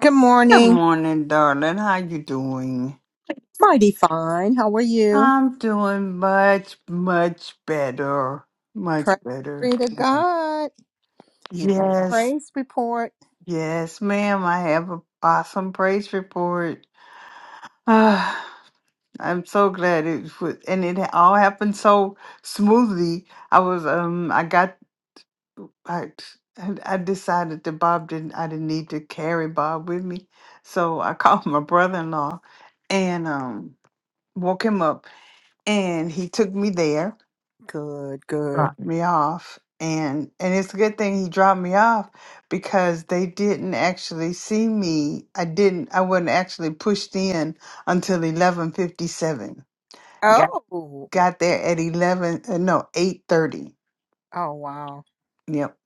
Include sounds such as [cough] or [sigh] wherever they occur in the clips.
Good Good morning. morning, darling. How you doing? Mighty fine. How are you? I'm doing much, much better. Much Praise be better. to God. You got a Yes, praise report. yes, ma'am. I have an awesome praise report. Ah, I'm so glad it was, and it all happened so smoothly. I was, um, I got, I, I I decided that Bob didn't, I didn't need to carry Bob with me, so I [laughs] called my brother-in-law, and um, woke him up and he took me there, Good, good. dropped me off, and and it's a good thing he dropped me off because they didn't actually see me. I didn't. I wasn't actually pushed in until eleven fifty seven. Got Oh, oh, got there at eleven. Uh, no, eight thirty. wow. Yep.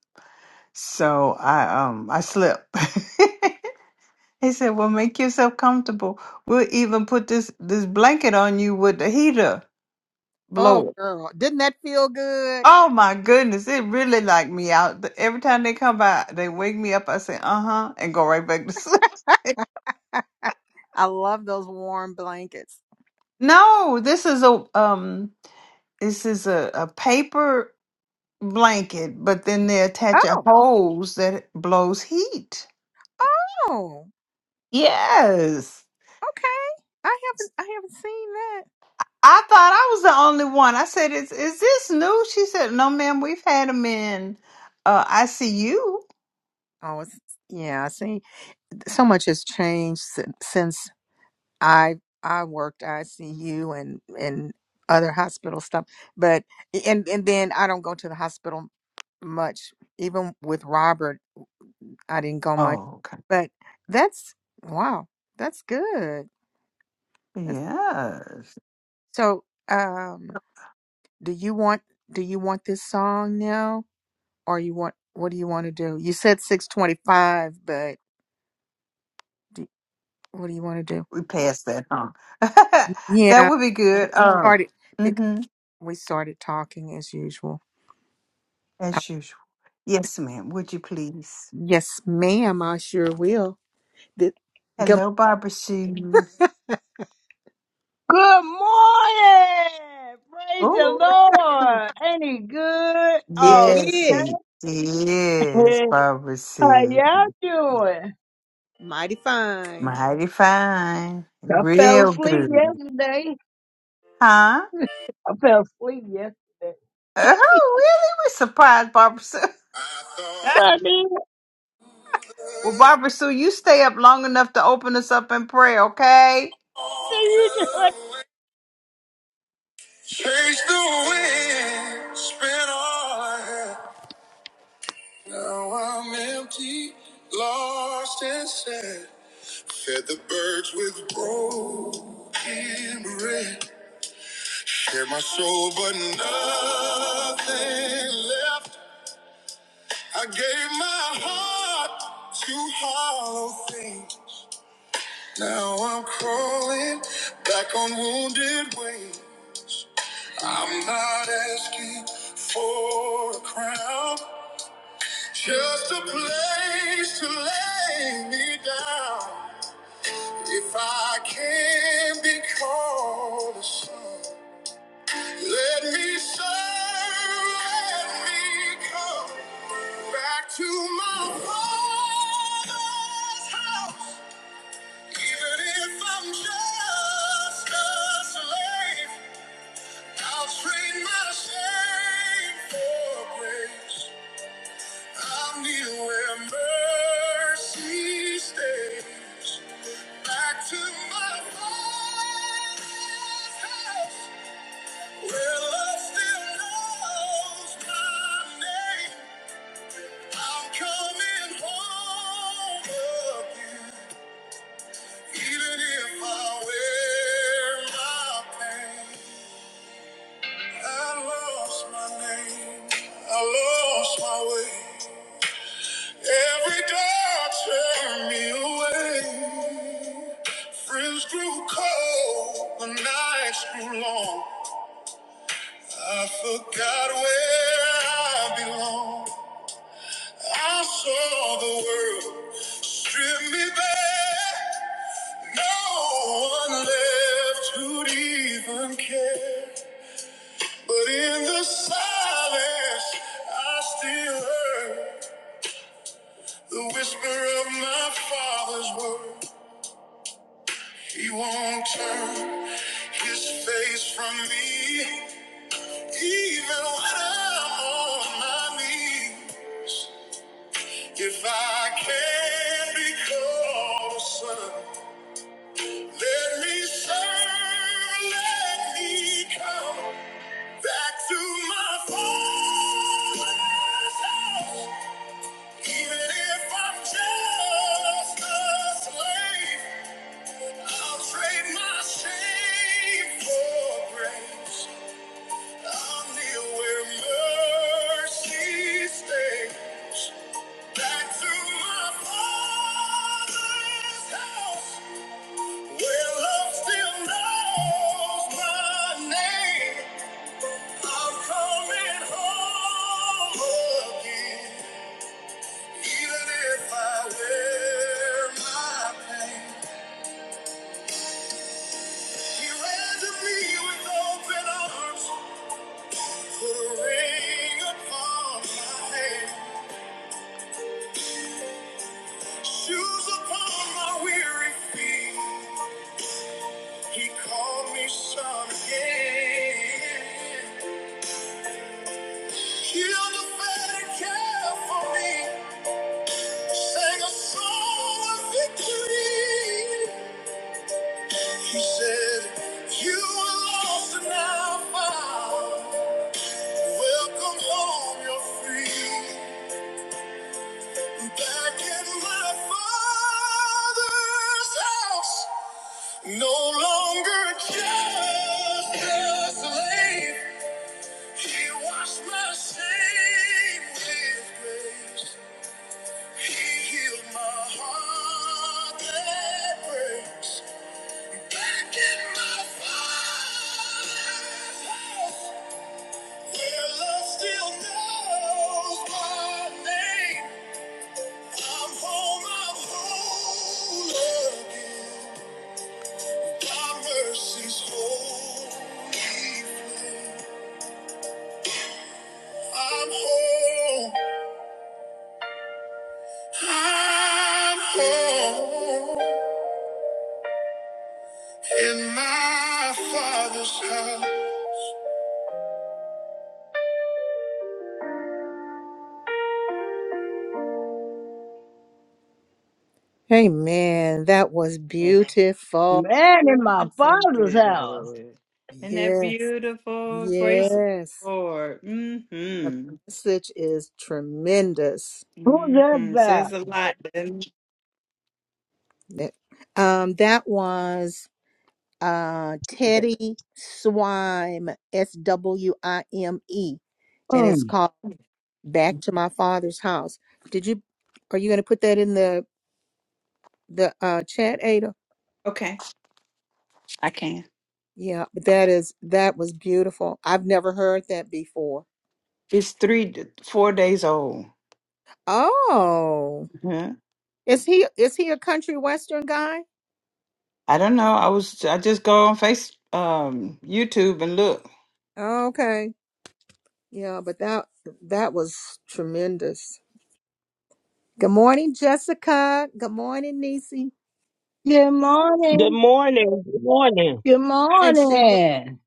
So I um I slept. [laughs] He said, "Well, make yourself comfortable. We'll even put this this blanket on you with the heater Oh, blower." girl. Didn't that feel good? Oh my goodness, it really knocked me out. The- Every time they come by, they wake me up. I say, "Uh huh," and go right back to sleep. [laughs] I love those warm blankets. no, this is a um, this is a, a paper blanket, but then they attach a Oh, hose that blows heat. oh, Yes, okay. I haven't, I haven't seen that. I thought I was the only one. I said, "Is is this new?" She said, "No, ma'am, we've had them in uh, ICU." Oh, it's, yeah, I see. So much has changed since, since I I worked ICU and and other hospital stuff, but and and then I don't go to the hospital much. Even with Robert, I didn't go much. Oh, okay. But that's wow, that's good. That's, Yes. so, um, do you want do you want this song now, or you want what do you want to do? You said six twenty five, but do, what do you want to do? we passed that, huh? [laughs] that Yeah, would be good. Um, started because mm-hmm, we started talking as usual. as usual. Yes, ma'am. Would you please? Yes, ma'am, I sure will. Th- Good. Hello, Barbara Sue. Good morning. Praise the Oh, Lord. Ain't he good It all the yes, is he is time? [laughs] Barbara How Sue. y'all doing? mighty fine. Mighty fine, I fell real asleep good, yesterday. huh? [laughs] I fell asleep yesterday. Oh, really? We're surprised, Barbara Sue. [laughs] Sunday, what well, Barbara Sue, you stay up long enough to open us up in prayer, okay? are you doing? Chase the wind, spent all I had. Now I'm empty, lost and sad. Fed the birds with broken bread. Shared my soul, but nothing left. I gave my heart to hollow things. Now I'm crawling back on wounded wing. I'm not asking for a crown, just a place to lay me down. If I can be called a son, let me serve, let me come back to my father's house, even if I'm just a slave. I'll trade my shame for grace. I'll kneel where mercy stays. Back to my father's house, where love still knows my name. I'm coming home again, even if I wear my pain. I lost my name. I lost my way. Every door turned me away. Friends grew cold. The nights grew long. I forgot where I belong. I saw the world strip me bare. No one left who'd even care. But in the silence, I still heard. The whisper of my father's word, he won't turn his face from me, even when I'm on my knees. If I can be called a son, let me serve, let me come back to my father's house, even if I'm just a slave. I'll trade my shame for grace. I'll kneel where mercy stays. Back to my father's house, where love still knows my name. I'm coming home again, even if I wear my pain. He ran to me with open arms. Put a ring upon my hand, shoes upon my weary feet. He called me son again. Killed a fatted calf for me, sang a song of victory. He said, You were lost and now found. Welcome home, you're free. Back in my father's house. No longer just a slave, he washed my shame with grace. He healed my heart that breaks. Back in my father's house, where love still knows my name. I'm home, I'm whole again. My mercy's holy. flow. I'm home. I'm home in my father's house. Amen. That was beautiful. Man, in my Blessed father's house. Lord. And that Yes. beautiful praise of the Yes. Lord. The Mm-hmm. message is tremendous. Who's that Mm-hmm. Says about? a lot. doesn't Um, that was uh it? Teddy Swime, S W I M E, and it's Mm. called. back to my father's house. Did you are you going to put that in the the uh chat Ada? Okay, I can. Yeah, but that is that was beautiful. I've never heard that before. It's three, four days old. Oh. Mhm. Is he is he a country western guy? I don't know. I was. I just go on Face, um, YouTube, and look. Okay. Yeah, but that that was tremendous. Good morning, Jessica. Good morning, Nisi. Good Good morning. morning. Good morning. Good And Sheila. morning.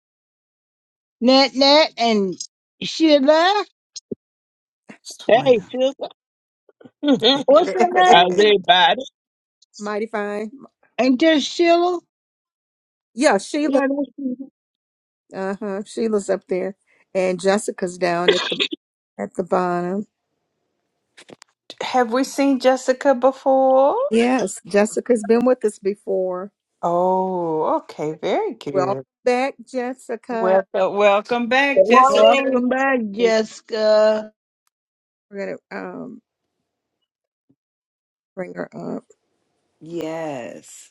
Nat Nat and Sheila. Swam. Hey, sister. [laughs] What's her [laughs] How's name? everybody? Mighty fine. Ain't that Sheila? Yeah, Yeah, Sheila. that's you. Uh-huh. Sheila's up there. And Jessica's down at the at the bottom. Have we seen Jessica before? Yes, Jessica's been with us before. Oh, okay. Very Welcome good. back, Jessica. Welcome, welcome back, Good Jessica. morning. Welcome back, And Jessica. We're gonna um bring her up. Yes.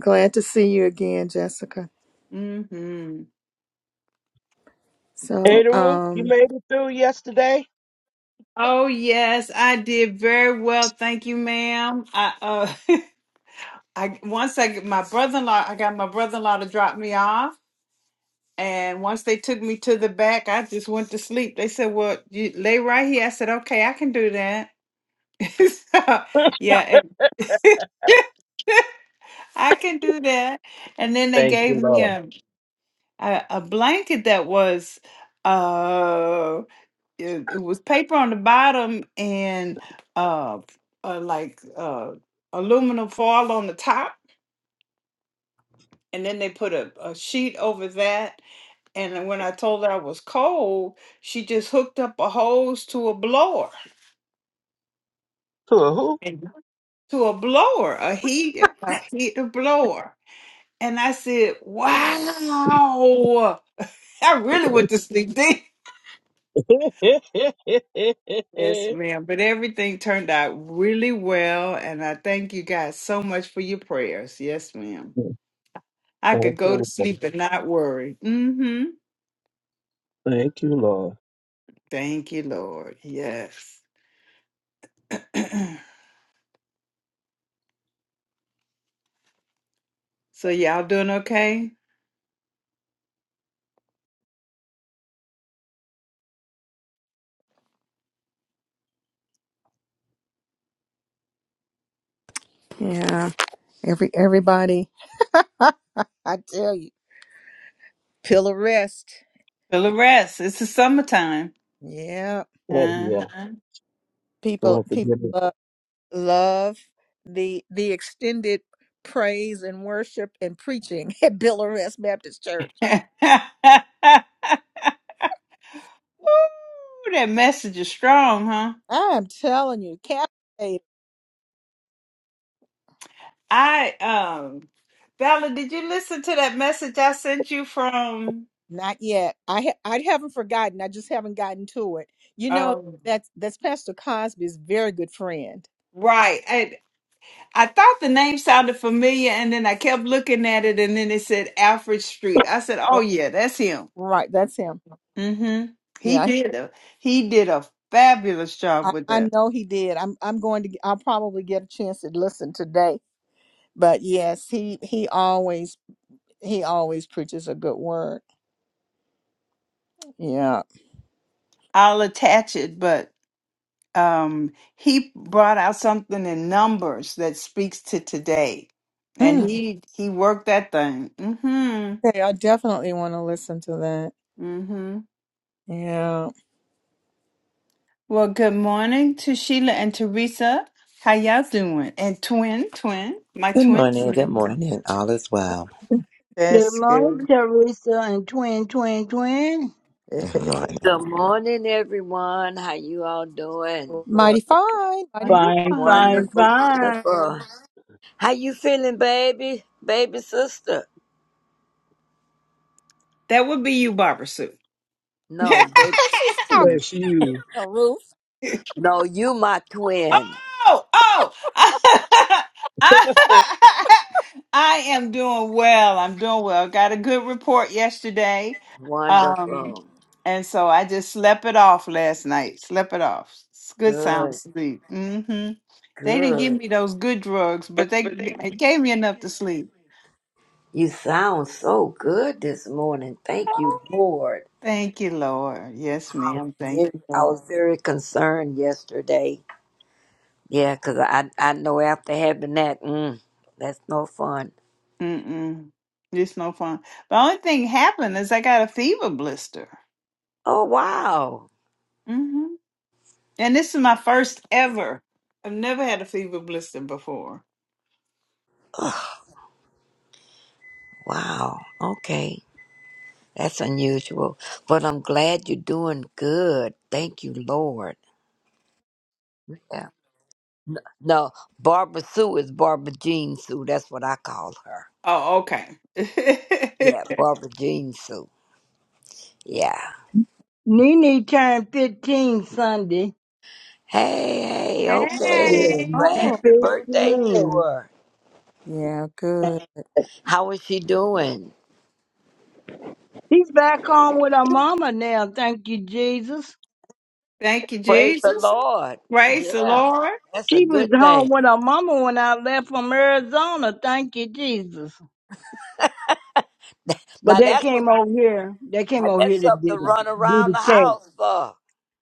Glad to see you again, Jessica. hmm Hey, So the roof, you um made it through yesterday? Oh yes, I did very well. Thank you, ma'am. I uh [laughs] I once I get my brother-in-law, I got my brother-in-law to drop me off. And once they took me to the back, I just went to sleep. They said, Well, you lay right here. I said, Okay, I can do that. [laughs] so yeah, and- [laughs] I can do that. And then they Thank gave you, me Lord. a a, a blanket that was uh it, it was paper on the bottom and uh, uh like uh aluminum foil on the top and then they put a, a sheet over that and then when i told her i was cold she just hooked up a hose to a blower To a who? and to a blower a heat a heater blower and i said wow i really went to sleep then." [laughs] Thank Yes, you, ma'am. But everything turned out really well, and I thank you guys so much for your prayers. Yes, ma'am. I could go to Lord. sleep and not worry. Mm-hmm. Thank you, Lord. Thank you, Lord. Yes. [clears throat] so y'all doing okay? yeah, every everybody I tell you, pill arrest. Feel the rest. It's the summertime. Yeah. Oh, yeah. Uh-huh. Don't People have to people give it. love, love the the extended praise and worship and preaching [laughs] at Bill Arrest Baptist Church. [laughs] Ooh, that message is strong, huh? I'm telling you, captivated. I um, Bella. did you listen to that message I sent you from Not yet. I ha- I haven't forgotten. I just haven't gotten to it. You know, um? that's that's Pastor Cosby's very good friend. Right. I thought the name sounded familiar, and then I kept looking at it, and then it said Alfred Street. I said, "Oh R- yeah, that's him." Right, that's him. hmm He Yeah, did a he did a fabulous job I, with I that. know he did. I'm I'm going to. g- I'll probably get a chance to listen today. But yes, he he always he always preaches a good word. Yeah. I'll attach it, but um, he brought out something in numbers that speaks to today, and Mm. he he worked that thing. hmm Okay, I definitely want to listen to that. hmm Yeah. Well, good morning to Sheila and Teresa. How y'all doing? And twin, twin, my Good twin morning, good twin. morning. All is well. Mm, Good That's good. morning, Teresa and Twin Twin Twin. Good morning. [laughs] Good morning, everyone. How you all doing? Mighty Lord, fine. Mighty. Might be Fine, fun. fine, Wonderful, fine. wonderful. How you feeling, baby? Baby sister? That would be you, Barbara Sue. [laughs] No, baby. [laughs] She's talking. bless you. Oh, Ruth. No, you my twin. oh, oh. [laughs] I am doing well. I'm doing well. Got a good report yesterday. Um, Wonderful. and so I just slept it off last night. Slept it off. It's good sound Good, sleep. hmm They didn't give good. me those good drugs, but they g- it gave me enough to sleep. You sound so good this morning. Thank you, Lord. Thank you, Lord. Yes, I was ma'am. Thank very, you, I Lord. was very concerned yesterday. Yeah, 'cause I, I know after having that, mm, that's no fun. Mm-mm. It's no fun. The only thing happened is I got a fever blister. Oh, wow. hmm And this is my first ever. I've never had a fever blister before. Wow. Okay. That's unusual. But I'm glad you're doing good. Thank you, Lord. Yeah. N- No, Barbara Sue is Barbara Jean Sue. That's what I call her. Oh, okay. Yeah, Barbara Jean Sue. Yeah. Nene turned 15 Sunday. Hey, [laughs] hey, okay. Yeah, hey. Well, she's Oh, happy birthday to 15. her. Yeah, good. How is she doing? She's back home with her mama now, thank you, Jesus. Thank you, Praise the Jesus. Lord. Praise the Yeah, Lord. that's a She was good home thing. with her mama when I left from Arizona, thank you, Jesus. But Now they that's what, came over here. They came now over here that's to something do to the, run do around the the cake. house for.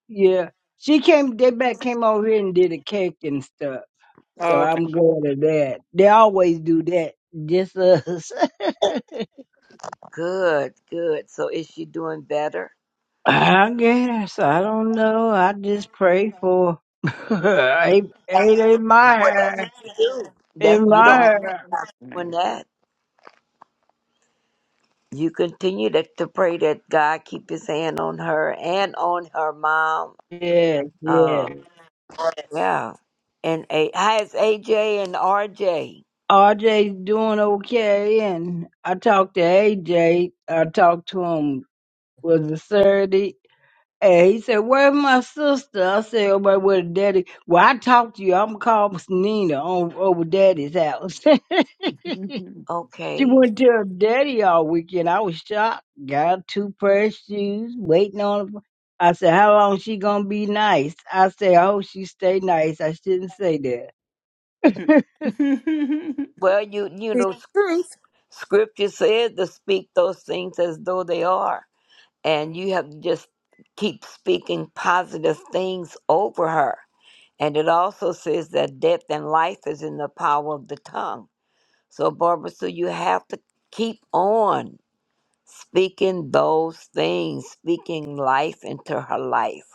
Yeah. She came, they back came over here and did the cake and stuff. So I'm Okay. glad of that. They always do that, just us. [laughs] Good, good. So is she doing better? I guess I don't know. I just pray for [laughs] ain't, ain't in my Well, that's hair, what you do. That in you my don't I'm end hair. doing listening. that. You continue to, to pray that God keep His hand on her and on her mom. Yeah, yeah. Uh, yeah. And a hi, it's AJ and RJ. RJ's doing okay, and I talked to A J. I talked to him was it Saturday, and he said, "Where's my sister?" I said, "Oh, but with Daddy." Well, I talked to you. I'm gonna call Miss Nina on over Daddy's house. [laughs] She Okay. went to her daddy all weekend. I was shocked. Got her two pair of shoes, waiting on her. I said, How long she gonna be nice? I say, I hope she stay nice. I shouldn't say that. [laughs] to [laughs] Well, you you The know, s- truth. Scripture says to speak those things as though they are, and you have to just keep speaking positive things over her. And it also says that death and life is in the power of the tongue. So, Barbara, so you have to keep on speaking those things, speaking life into her life.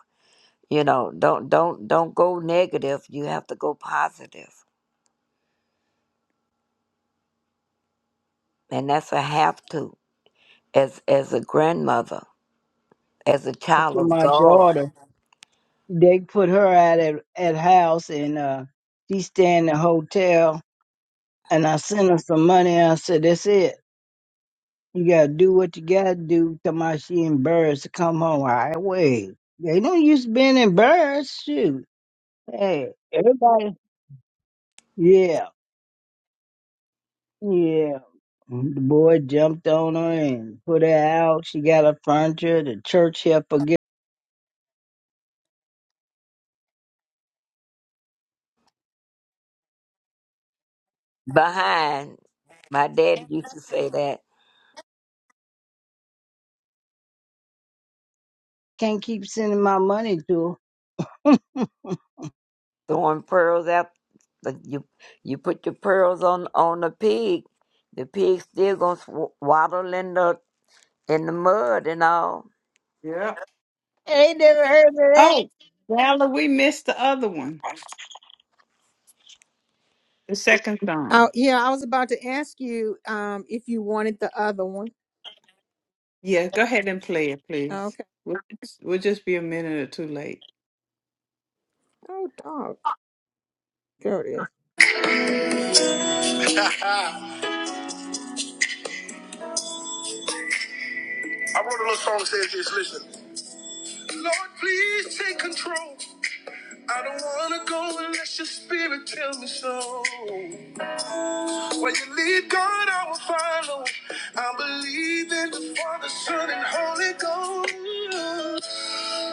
You know, don't don't don't go negative. You have to go positive, and that's a have to as as a grandmother, as a child of my God. daughter, they put her out at at house and uh she stay in the hotel and I sent her some money and I said, That's it. You gotta do what you gotta do. Come out she embarrassed to come home. I wait. They don't use being embarrassed, shoot. Hey, everybody yeah. Yeah. The boy jumped on her and put her out. She got her furniture. The church helped her get. Behind my dad used to say that Can't keep sending my money to her. [laughs] throwing pearls out. Like you you put your pearls on on the pig, the pig still gonna sw- waddle in the in the mud and all yeah. ain't never heard of that. Oh, Valerie, we missed the other one, the second song. Oh, yeah, I was about to ask you um if you wanted the other one. Yeah, go ahead and play it, please. Okay. We'll, we'll just be a minute or two late. Oh, dog. There it is. [laughs] I wrote a little song that says this. Listen, Lord, please take control. I don't wanna go unless your spirit tell me so. Where you lead, God, I will follow. I believe in the Father, Son, and Holy Ghost.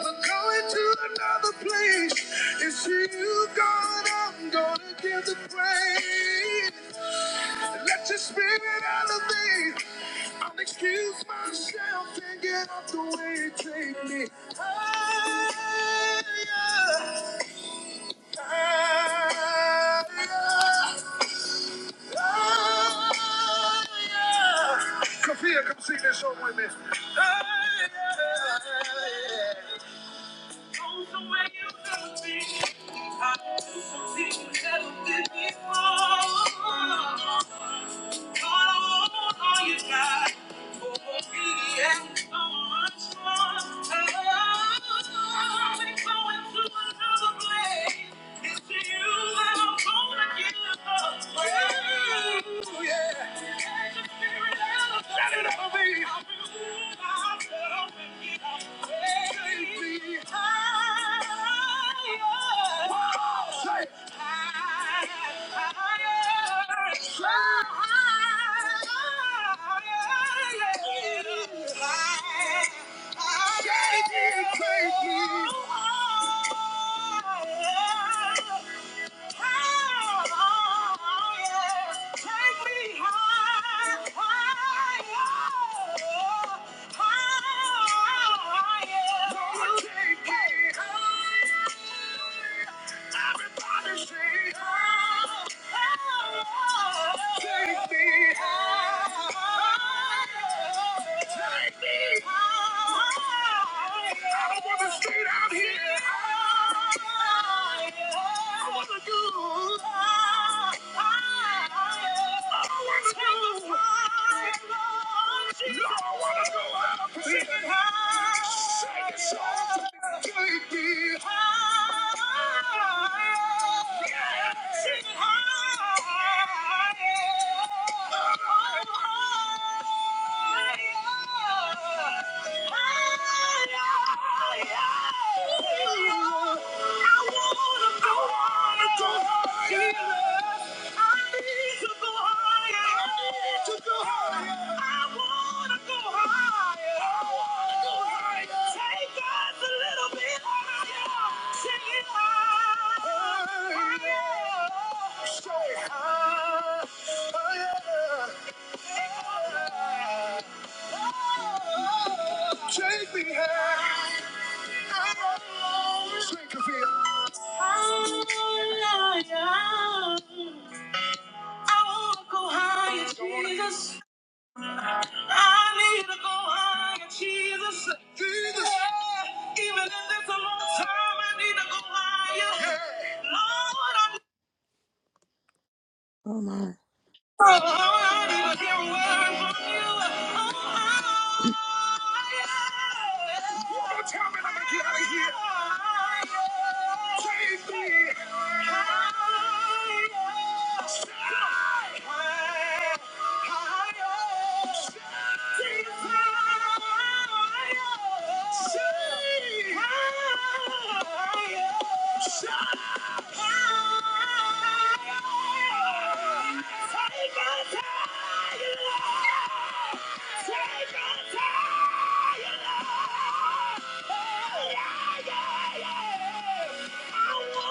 We're going to another place. It's to you, God, I'm gonna give the praise. Let your spirit elevate. I'll excuse myself and get out the way. Take me higher. Sophia, come sing this song with me. It's to you that I'm calling you. Yeah. Let the spirit out of me. Let it out of me. I remove myself and get out of me. Take me higher. Whoa. Say it. Higher. So higher. Thank you. Take me high. I don't want to Get out here. I I wanna do. I I, I wanna do. I wanna go out. Get high. it Take me high. Yeah. Take it high. Straight high, oh yeah. Take me high. Drink of I wanna go higher, Jesus. I need to go higher, Jesus. Jesus. Yeah, even if it's a long time, I need to go higher. Yeah. Lord, I- Oh my. Oh, I need to hear words from you. Oh, higher, take me higher, higher, higher, higher, higher.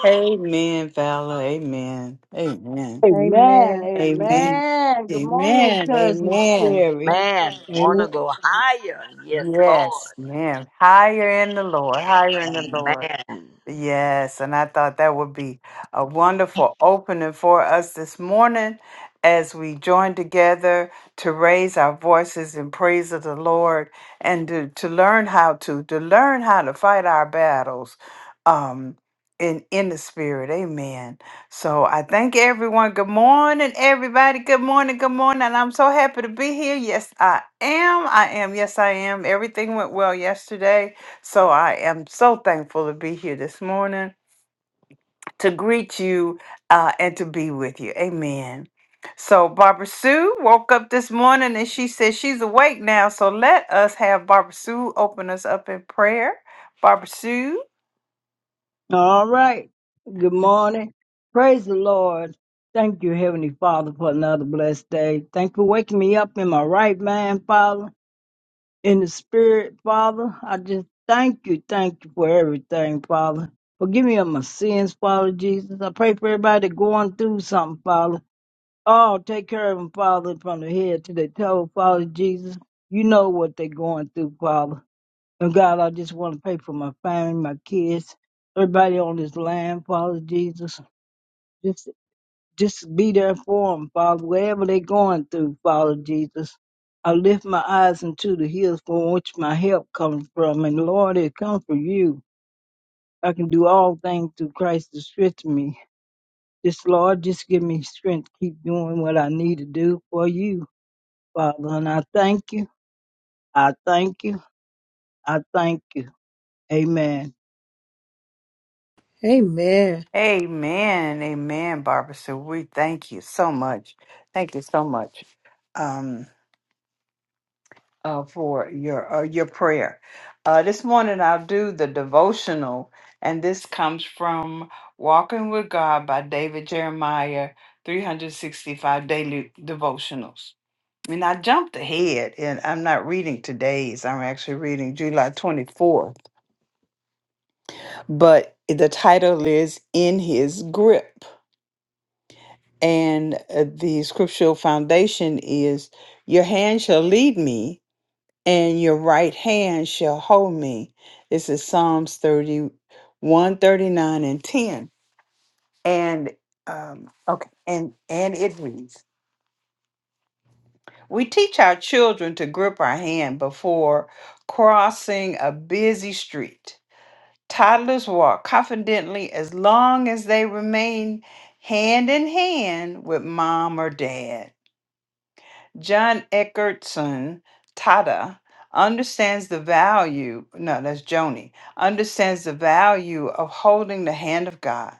Amen, Valor. Amen. Amen. Amen. Amen. Amen. Amen. Good morning, Amen. cousin Amen. Sherry. Man, want to Amen. go higher. Yes, Lord. Yes, ma'am. Higher in the Lord. Higher in the Lord. Amen. Yes, and I thought that would be a wonderful opening for us this morning as we join together to raise our voices in praise of the Lord and to, to learn how to to learn how to fight our battles um in in the spirit. Amen. So I thank everyone. Good morning, everybody. Good morning, good morning. And I'm so happy to be here. Yes, I am. I am. Yes, I am. Everything went well yesterday so I am so thankful to be here this morning to greet you uh, and to be with you. Amen. So Barbara Sue woke up this morning and she says she's awake now. So let us have Barbara Sue open us up in prayer. Barbara Sue. All right. Good morning. Praise the Lord. Thank you, Heavenly Father, for another blessed day. Thank you for waking me up in my right mind, Father. In the spirit, Father, I just thank you, thank you for everything, Father. Forgive me of my sins, Father Jesus. I pray for everybody going through something, Father. Oh, take care of them, Father, from the head to the toe, Father Jesus. You know what they're going through, Father. And God, I just want to pray for my family, my kids, everybody on this land, Father Jesus. Just be there for them, Father, wherever they're going through, Father Jesus. I lift my eyes into the hills from which my help comes from, and Lord, it comes from you. I can do all things through Christ that strengthens me. Just, Lord, just give me strength to keep doing what I need to do for you, Father. And I thank you. I thank you. I thank you. Amen. Amen. Amen. Amen, Barbara Sue. We thank you so much. Thank you so much. Um, uh, for your uh, your prayer. Uh, this morning I'll do the devotional, and this comes from Walking with God by David Jeremiah, 365 daily devotionals. And I jumped ahead, and I'm not reading today's. I'm actually reading July 24th, but the title is "In His Grip," and uh, the scriptural foundation is, "Your hand shall lead me." and your right hand shall hold me. This is Psalms thirty, one thirty nine and 10. And um, okay, and and it reads, We teach our children to grip our hand before crossing a busy street. Toddlers walk confidently as long as they remain hand in hand with mom or dad. John Eckertson Tada understands the value, no, that's Joni, understands the value of holding the hand of God.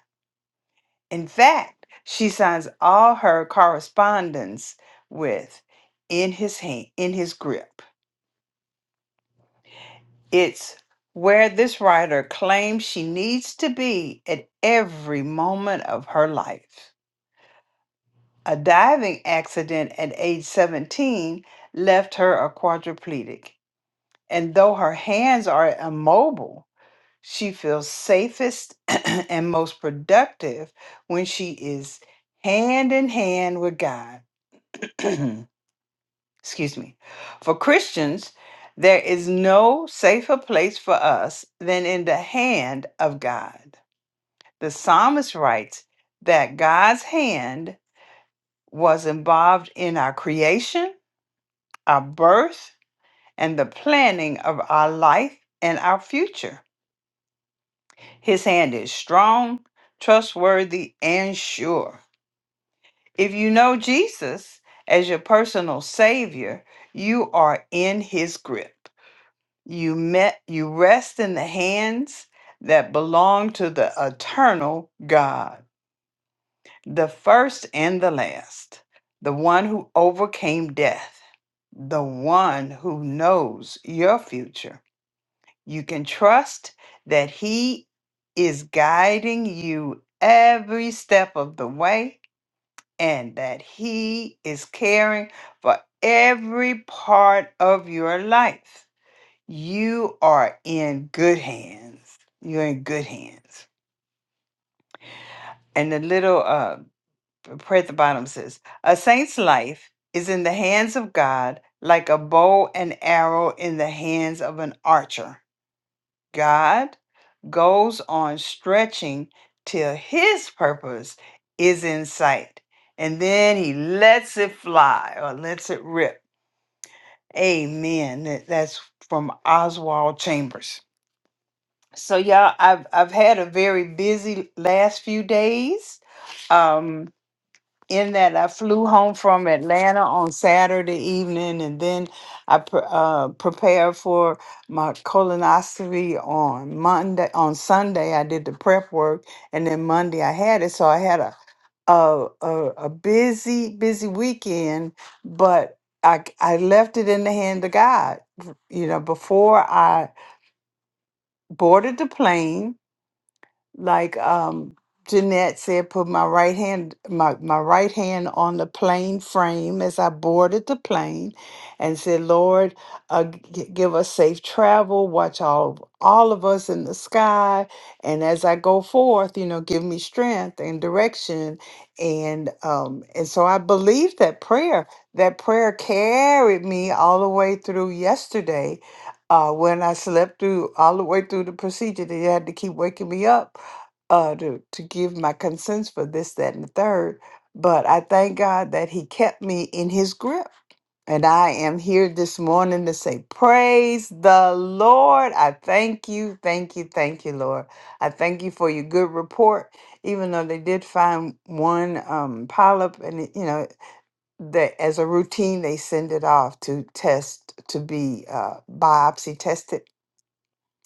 In fact, she signs all her correspondence with in his hand, in his grip. It's where this writer claims she needs to be at every moment of her life. A diving accident at age 17 left her a quadriplegic And though her hands are immobile, she feels safest [clears throat] and most productive when she is hand in hand with God. [clears throat] Excuse me. For Christians, there is no safer place for us than in the hand of God. The psalmist writes that God's hand was involved in our creation, our birth, and the planning of our life and our future. His hand is strong, trustworthy, and sure. If you know Jesus as your personal savior, you are in his grip. You met you rest in the hands that belong to the eternal God, the first and the last, the one who overcame death, the one who knows your future You can trust that He is guiding you every step of the way and that He is caring for every part of your life. You are in good hands. You're in good hands. And the little uh, prayer at the bottom says, A saint's life is in the hands of God like a bow and arrow in the hands of an archer. God goes on stretching till his purpose is in sight. And then he lets it fly or lets it rip. Amen. That- That's from Oswald Chambers. So y'all, I've I've had a very busy last few days. Um, in that I flew home from Atlanta on Saturday evening, and then I pre- uh, prepared for my colonoscopy on Monday. On Sunday, I did the prep work, and then Monday I had it. So I had a a a, a busy busy weekend, but I c- I left it in the hand of God. You know, before I boarded the plane, like um Jeanette said, put my right hand my, my right hand on the plane frame as I boarded the plane and said, Lord, uh, g- give us safe travel, watch all all of us in the sky. And as I go forth, you know, give me strength and direction. And um, and so I believe that prayer. That prayer carried me all the way through yesterday uh, when I slept through all the way through the procedure. They had to keep waking me up uh, to, to give my consents for this, that, and the third. But I thank God that He kept me in His grip. And I am here this morning to say, Praise the Lord. I thank you, thank you, thank you, Lord. I thank you for your good report, even though they did find one um, polyp, and it- you know, that as a routine, they send it off to test to be uh, biopsy tested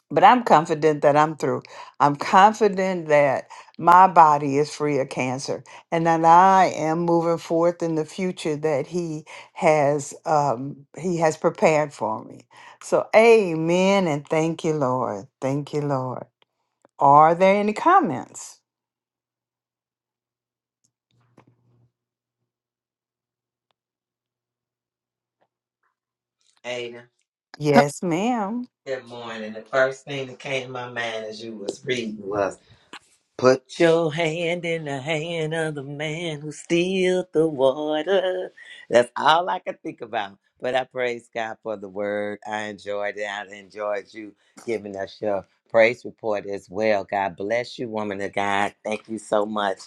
but I'm confident that I'm through. I'm confident that my body is free of cancer and that I am moving forth in the future that he has um, he has prepared for me. So amen and thank you, Lord. Thank you, Lord. Are there any comments? Aiden, Yes, ma'am. good morning. The first thing that came to my mind as you was reading was, "Put your hand in the hand of the man who steals the water." That's all I could think about. But I praise God for the word. I enjoyed it. I enjoyed you giving us your praise report as well. God bless you, woman of God. Thank you so much.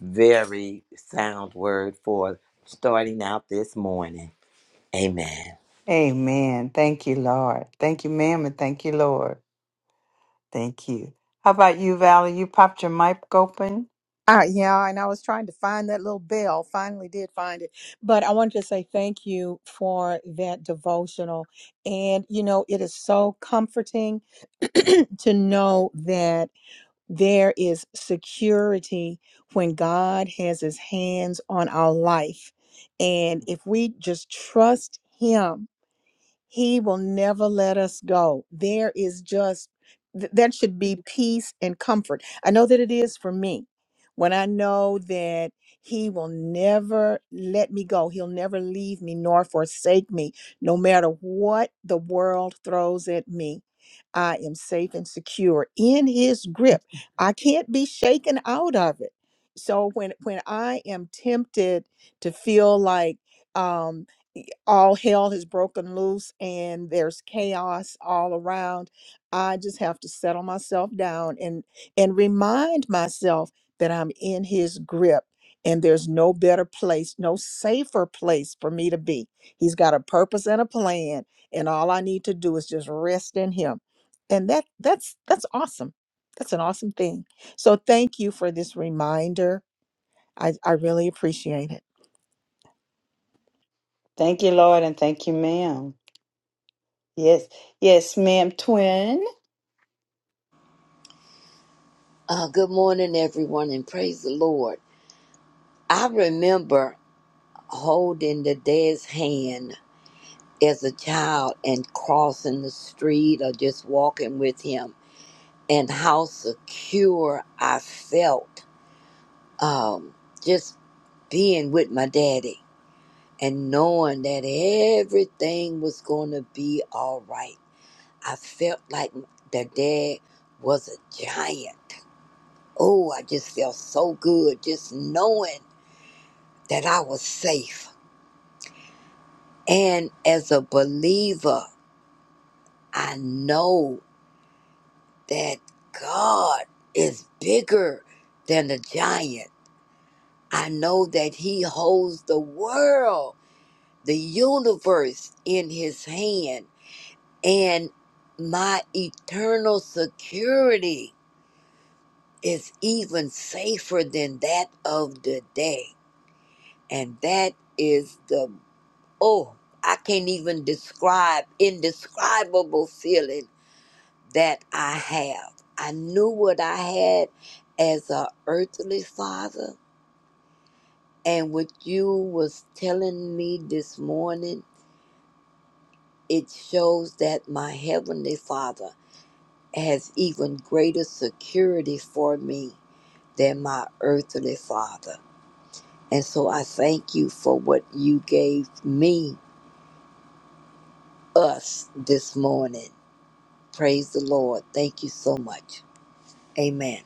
Very sound word for starting out this morning. Amen. Amen. Thank you, Lord. Thank you, ma'am, and thank you, Lord. Thank you. How about you, Valerie? You popped your mic open. Uh, yeah, and I was trying to find that little bell. Finally, did find it. But I wanted to say thank you for that devotional. And, you know, it is so comforting [clears throat] to know that there is security when God has his hands on our life. And if we just trust him, he will never let us go. There is just, th- that should be peace and comfort. I know that it is for me when I know that He will never let me go. He'll never leave me nor forsake me, no matter what the world throws at me. I am safe and secure in His grip. I can't be shaken out of it. So when when I am tempted to feel like, um all hell has broken loose and there's chaos all around i just have to settle myself down and and remind myself that i'm in his grip and there's no better place no safer place for me to be he's got a purpose and a plan and all i need to do is just rest in him and that that's that's awesome that's an awesome thing so thank you for this reminder I, I really appreciate it. Thank you, Lord, and thank you, ma'am. Yes, yes, ma'am, twin. Uh, good morning, everyone, and praise the Lord. I remember holding the dad's hand as a child and crossing the street or just walking with him, and how secure I felt um, just being with my daddy and knowing that everything was going to be all right. I felt like their dad was a giant. Oh, I just felt so good just knowing that I was safe. And as a believer, I know that God is bigger than the giant. I know that He holds the world, the universe in His hand, and my eternal security is even safer than that of the day. And that is the, oh, I can't even describe, indescribable feeling that I have. I knew what I had as a earthly father. And what you was telling me this morning, it shows that my heavenly father has even greater security for me than my earthly father. And so I thank you for what you gave me, us, this morning. Praise the Lord. Thank you so much. Amen.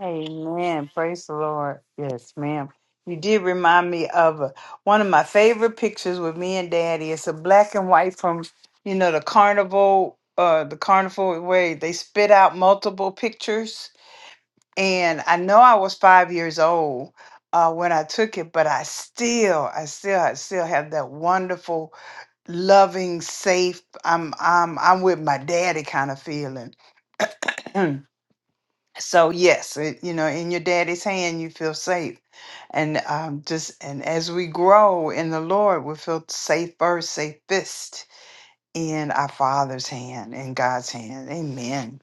Amen. Praise the Lord. Yes, ma'am. You did remind me of a, one of my favorite pictures with me and Daddy. It's a black and white from you know the carnival, uh, the carnival where they spit out multiple pictures. And I know I was five years old uh, when I took it, but I still, I still, I still have that wonderful, loving, safe. I'm, I'm, I'm with my daddy kind of feeling. [clears throat] so yes it, you know in your daddy's hand you feel safe and um, just and as we grow in the lord we feel safer safest in our father's hand in god's hand amen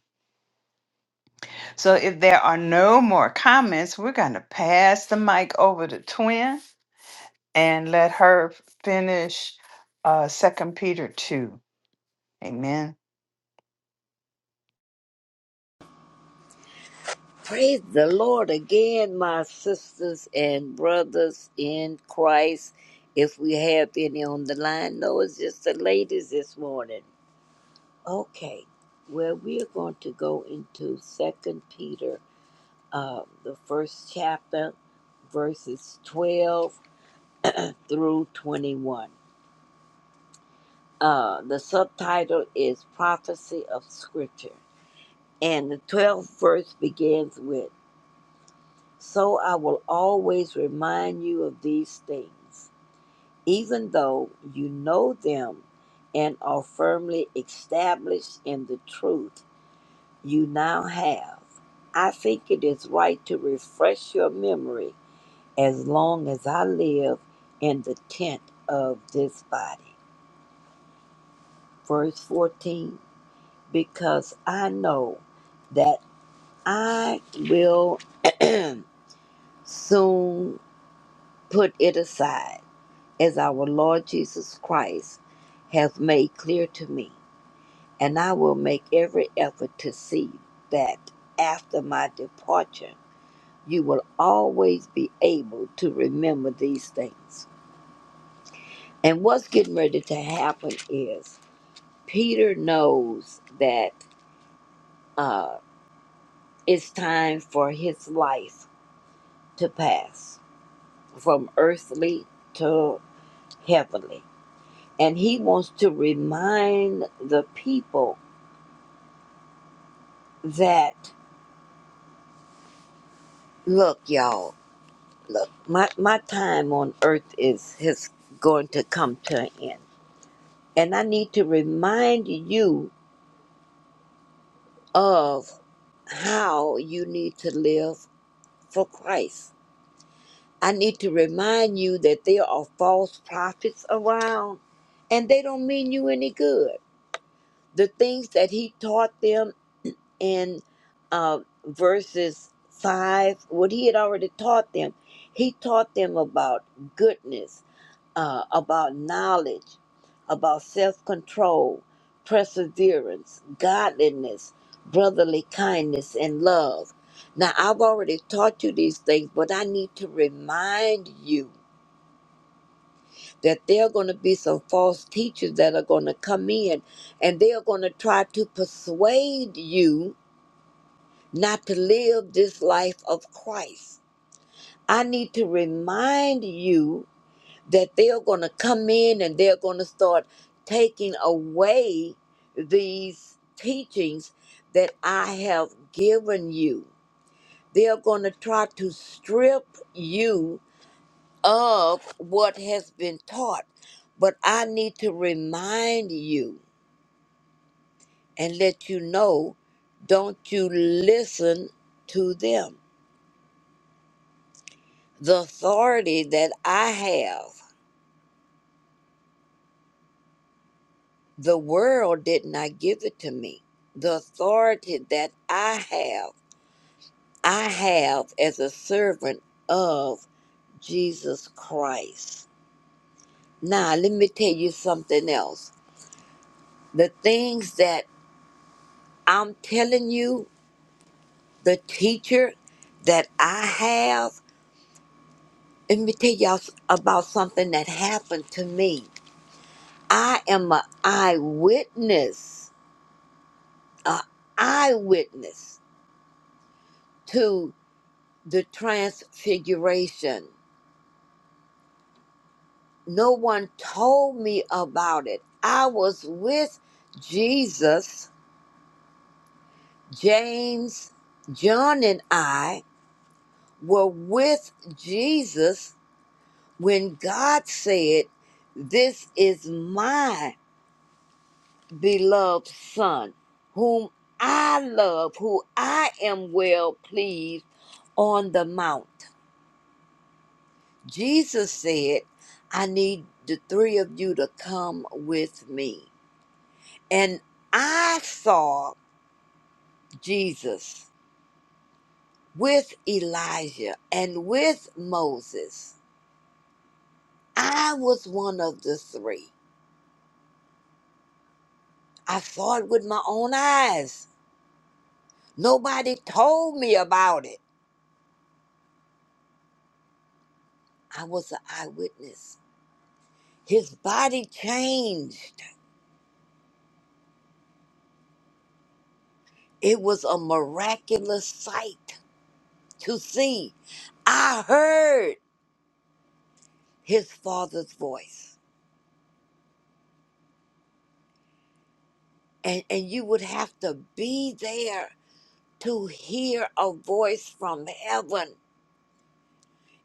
so if there are no more comments we're going to pass the mic over to twin and let her finish uh second peter 2 amen Praise the Lord again, my sisters and brothers in Christ. If we have any on the line, no, it's just the ladies this morning. Okay, well, we are going to go into Second Peter, uh, the first chapter, verses 12 through 21. Uh, the subtitle is Prophecy of Scripture. And the 12th verse begins with So I will always remind you of these things, even though you know them and are firmly established in the truth you now have. I think it is right to refresh your memory as long as I live in the tent of this body. Verse 14 because I know that I will [clears throat] soon put it aside, as our Lord Jesus Christ hath made clear to me. And I will make every effort to see that after my departure, you will always be able to remember these things. And what's getting ready to happen is Peter knows that uh, it's time for his life to pass from earthly to heavenly. And he wants to remind the people that, look, y'all, look, my, my time on earth is, is going to come to an end. And I need to remind you of how you need to live for Christ. I need to remind you that there are false prophets around and they don't mean you any good. The things that he taught them in uh, verses 5, what he had already taught them. He taught them about goodness, uh, about knowledge, about self control, perseverance, godliness, brotherly kindness, and love. Now, I've already taught you these things, but I need to remind you that there are going to be some false teachers that are going to come in and they are going to try to persuade you not to live this life of Christ. I need to remind you that they're going to come in and they're going to start taking away these teachings that I have given you. They're going to try to strip you of what has been taught. But I need to remind you and let you know don't you listen to them The authority that I have, the world did not give it to me. The authority that I have, I have as a servant of Jesus Christ. Now, let me tell you something else. The things that I'm telling you, the teacher that I have, let me tell y'all s- about something that happened to me. I am an eyewitness, an eyewitness to the transfiguration. No one told me about it. I was with Jesus, James, John, and I were with Jesus when God said, This is my beloved Son, whom I love, who I am well pleased on the mount. Jesus said, I need the three of you to come with me. And I saw Jesus with Elijah and with Moses. I was one of the three. I saw it with my own eyes. Nobody told me about it. I was an eyewitness. His body changed. It was a miraculous sight to see. I heard. his father's voice. And, and you would have to be there to hear a voice from heaven.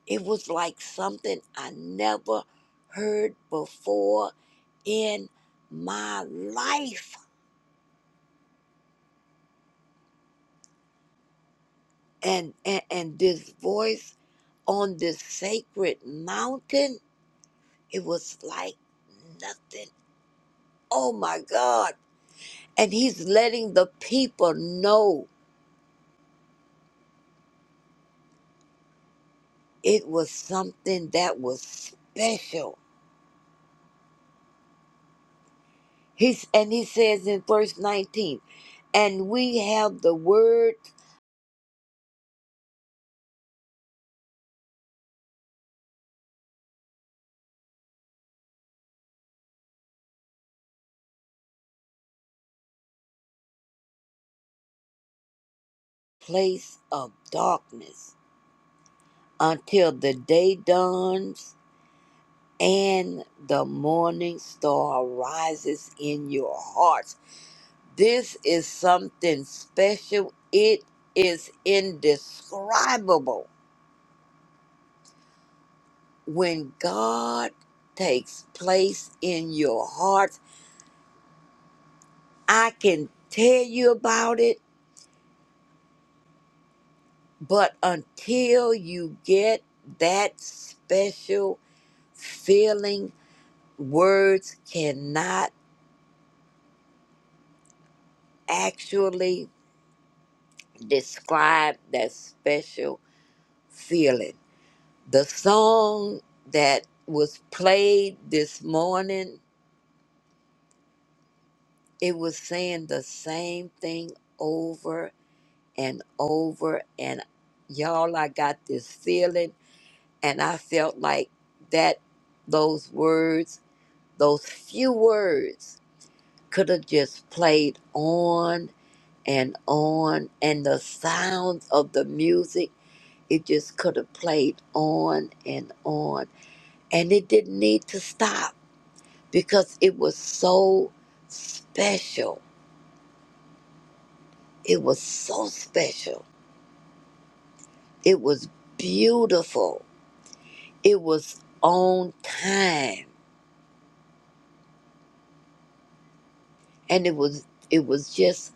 It was like something I never heard before in my life. And, and, and this voice on this sacred mountain, it was like nothing. Oh my God. And he's letting the people know it was something that was special He's and he says in verse 19, and we have the word place of darkness until the day dawns and the morning star rises in your hearts. This is something special. It is indescribable. When God takes place in your hearts, I can tell you about it But until you get that special feeling, words cannot actually describe that special feeling. The song that was played this morning, it was saying the same thing over and over. And y'all, I got this feeling, and I felt like that, those words, those few words could have just played on and on and the sounds of the music it just could have played on and on and it didn't need to stop because it was so special it was so special it was beautiful it was on time and it was it was just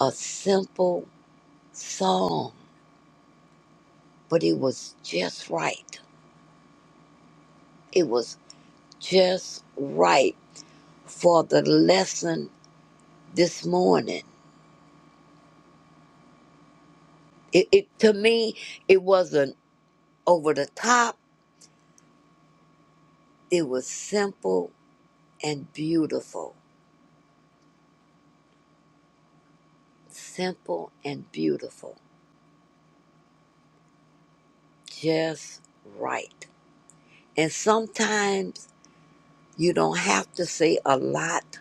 a simple song but it was just right it was just right for the lesson this morning. It, it to me, it wasn't over the top. It was simple and beautiful. Simple and beautiful. Just right. And sometimes you don't have to say a lot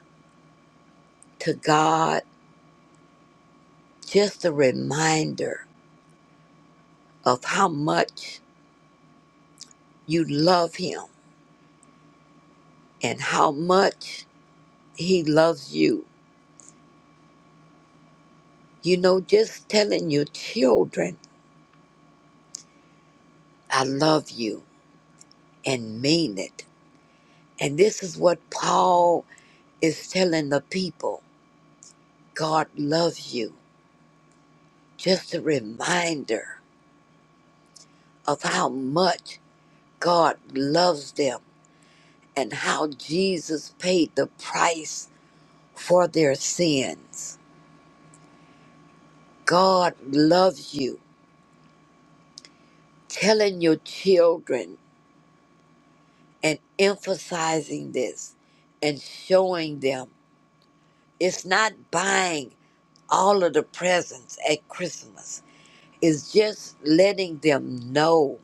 to God. Just a reminder of how much you love Him and how much He loves you You know, just telling your children, I love you and mean it. And this is what Paul is telling the people God loves you. Just a reminder of how much God loves them and how Jesus paid the price for their sins. God loves you. Telling your children and emphasizing this and showing them it's not buying all of the presents at Christmas is just letting them know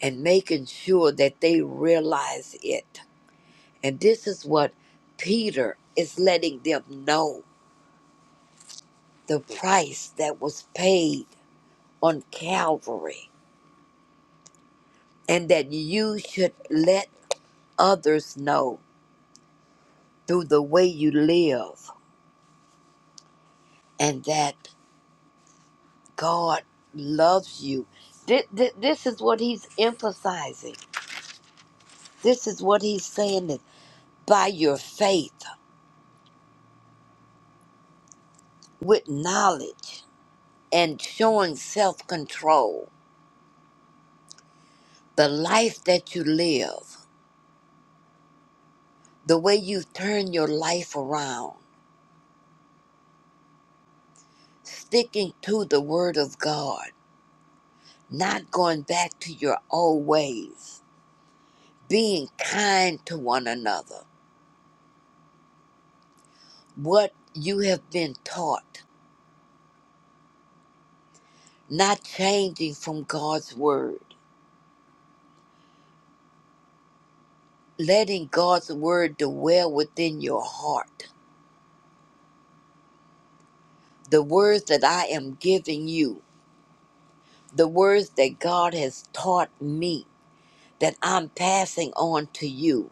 and making sure that they realize it. And this is what Peter is letting them know the price that was paid on Calvary, and that you should let others know through the way you live, and that God loves you. Thi- thi- This is what he's emphasizing. This is what he's saying that. by your faith with knowledge and showing self control. The life that you live, the way you turn your life around, sticking to the Word of God, not going back to your old ways, being kind to one another, what you have been taught, not changing from God's Word, letting God's Word dwell within your heart. The words that I am giving you the words that God has taught me that I'm passing on to you.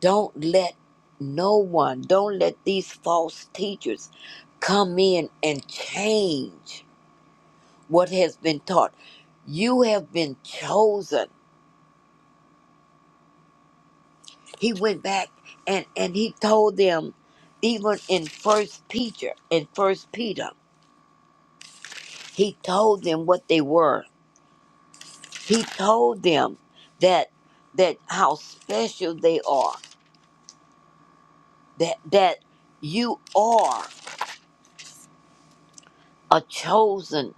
Don't let no one, don't let these false teachers come in and change what has been taught. You have been chosen. He went back and, and he told them, even in First Peter, in First Peter, he told them what they were. He told them that that how special they are that that you are a chosen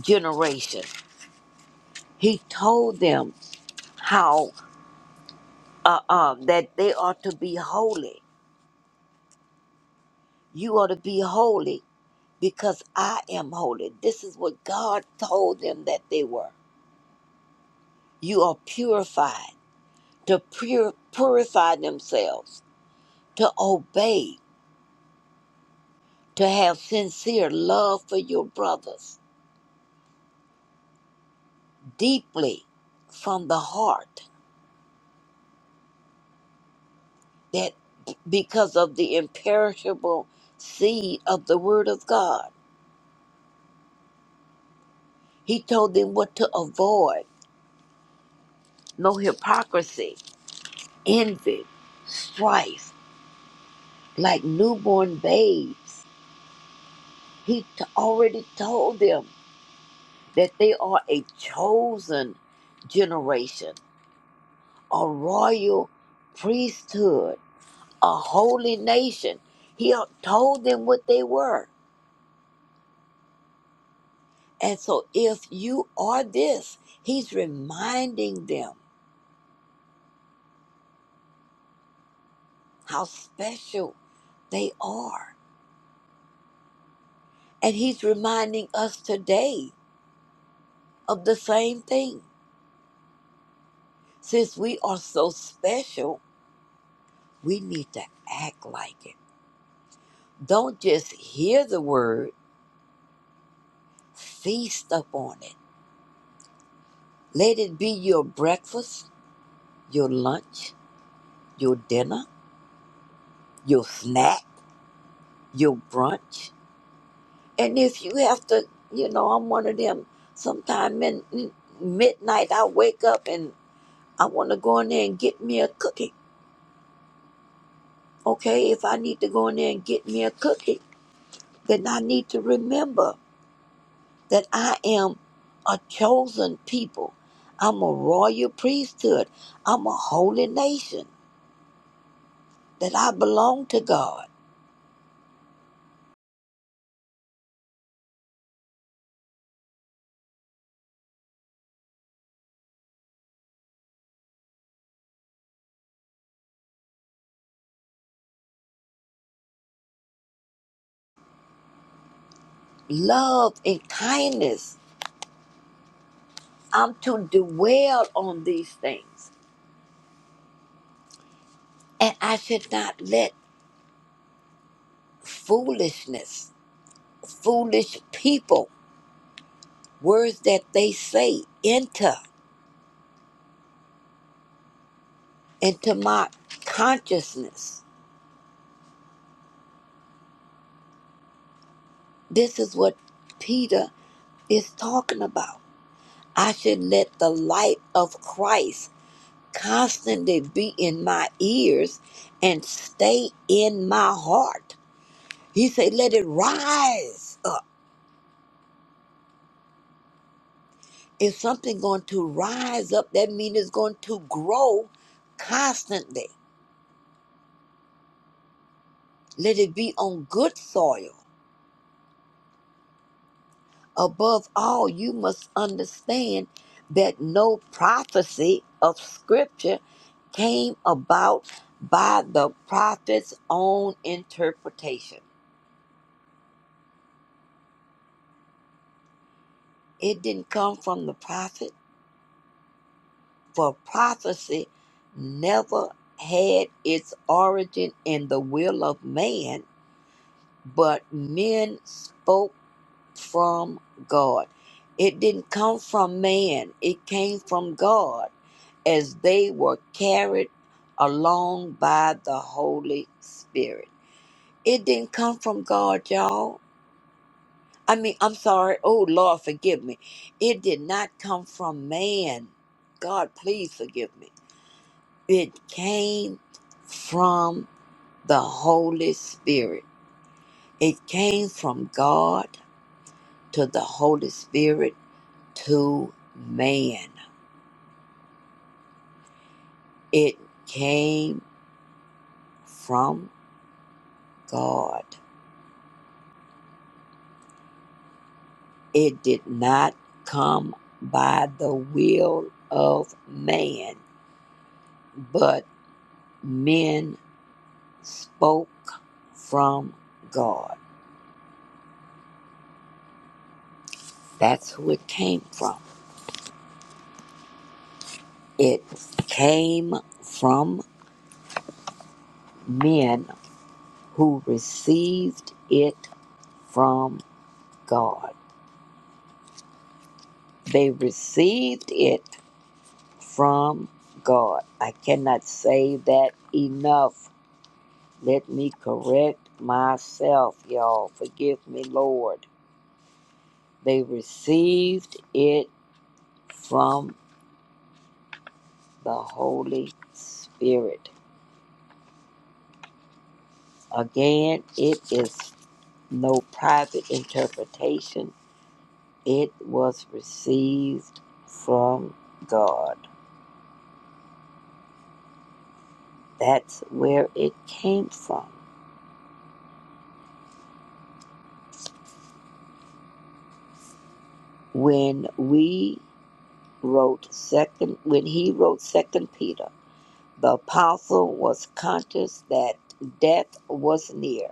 generation. He told them how uh, um, that they are to be holy. You are to be holy because I am holy. This is what God told them that they were. You are purified to pure, purify themselves, to obey, to have sincere love for your brothers deeply from the heart that because of the imperishable seed of the word of God. He told them what to avoid no hypocrisy, envy, strife, like newborn babes. He t- already told them that they are a chosen generation, a royal priesthood, a holy nation. He uh, told them what they were And so, if you are this, he's reminding them how special they are. And he's reminding us today of the same thing. Since we are so special, we need to act like it. Don't just hear the word, feast upon it. Let it be your breakfast, your lunch, your dinner, your snack, your brunch And if you have to, you know, I'm one of them. Sometime in in midnight, I wake up and I want to go in there and get me a cookie. Okay, if I need to go in there and get me a cookie, then I need to remember that I am a chosen people. I'm a royal priesthood. I'm a holy nation. That I belong to God. Love and kindness. I'm to dwell on these things. And I should not let foolishness, foolish people, words that they say enter into my consciousness. This is what Peter is talking about. I should let the light of Christ constantly be in my ears and stay in my heart. He said, let it rise up. If something going to rise up, that means it's going to grow constantly. Let it be on good soil Above all, you must understand that no prophecy of Scripture came about by the prophet's own interpretation. It didn't come from the prophet, for prophecy never had its origin in the will of man, but men spoke from God. It didn't come from man, it came from God as they were carried along by the Holy Spirit. It didn't come from God, y'all. I mean, I'm sorry. Oh, Lord, forgive me. It did not come from man. God, please forgive me. It came from the Holy Spirit. It came from God to the Holy Spirit to man. It came from God. It did not come by the will of man, but men spoke from God. That's who it came from. It came from men who received it from God. They received it from God. I cannot say that enough. Let me correct myself, y'all. Forgive me, Lord. They received it from the Holy Spirit. Again, it is no private interpretation. It was received from God. That's where it came from. When we wrote second when he wrote second Peter, the apostle was conscious that death was near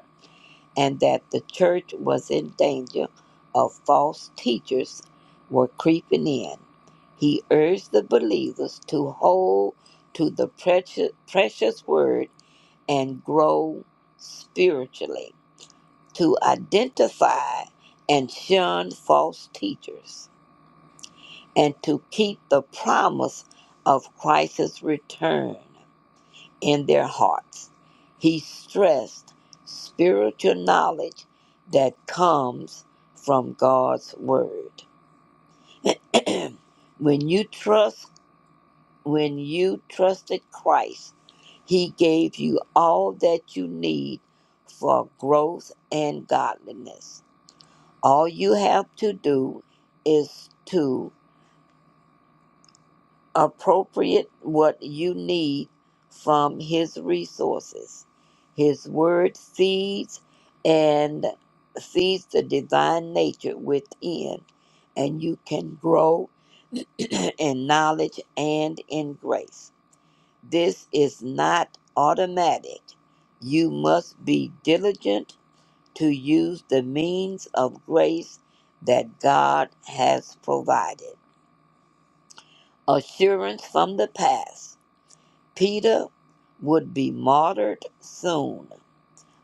and that the church was in danger of false teachers were creeping in. He urged the believers to hold to the precious, precious word and grow spiritually, to identify and shun false teachers, and to keep the promise of Christ's return in their hearts. He stressed spiritual knowledge that comes from God's word. [clears throat] when you trust when you trusted Christ, he gave you all that you need for growth and godliness. All you have to do is to appropriate what you need from his resources his word seeds and seeds the divine nature within and you can grow [clears throat] in knowledge and in grace this is not automatic you must be diligent to use the means of grace that god has provided assurance from the past Peter would be martyred soon,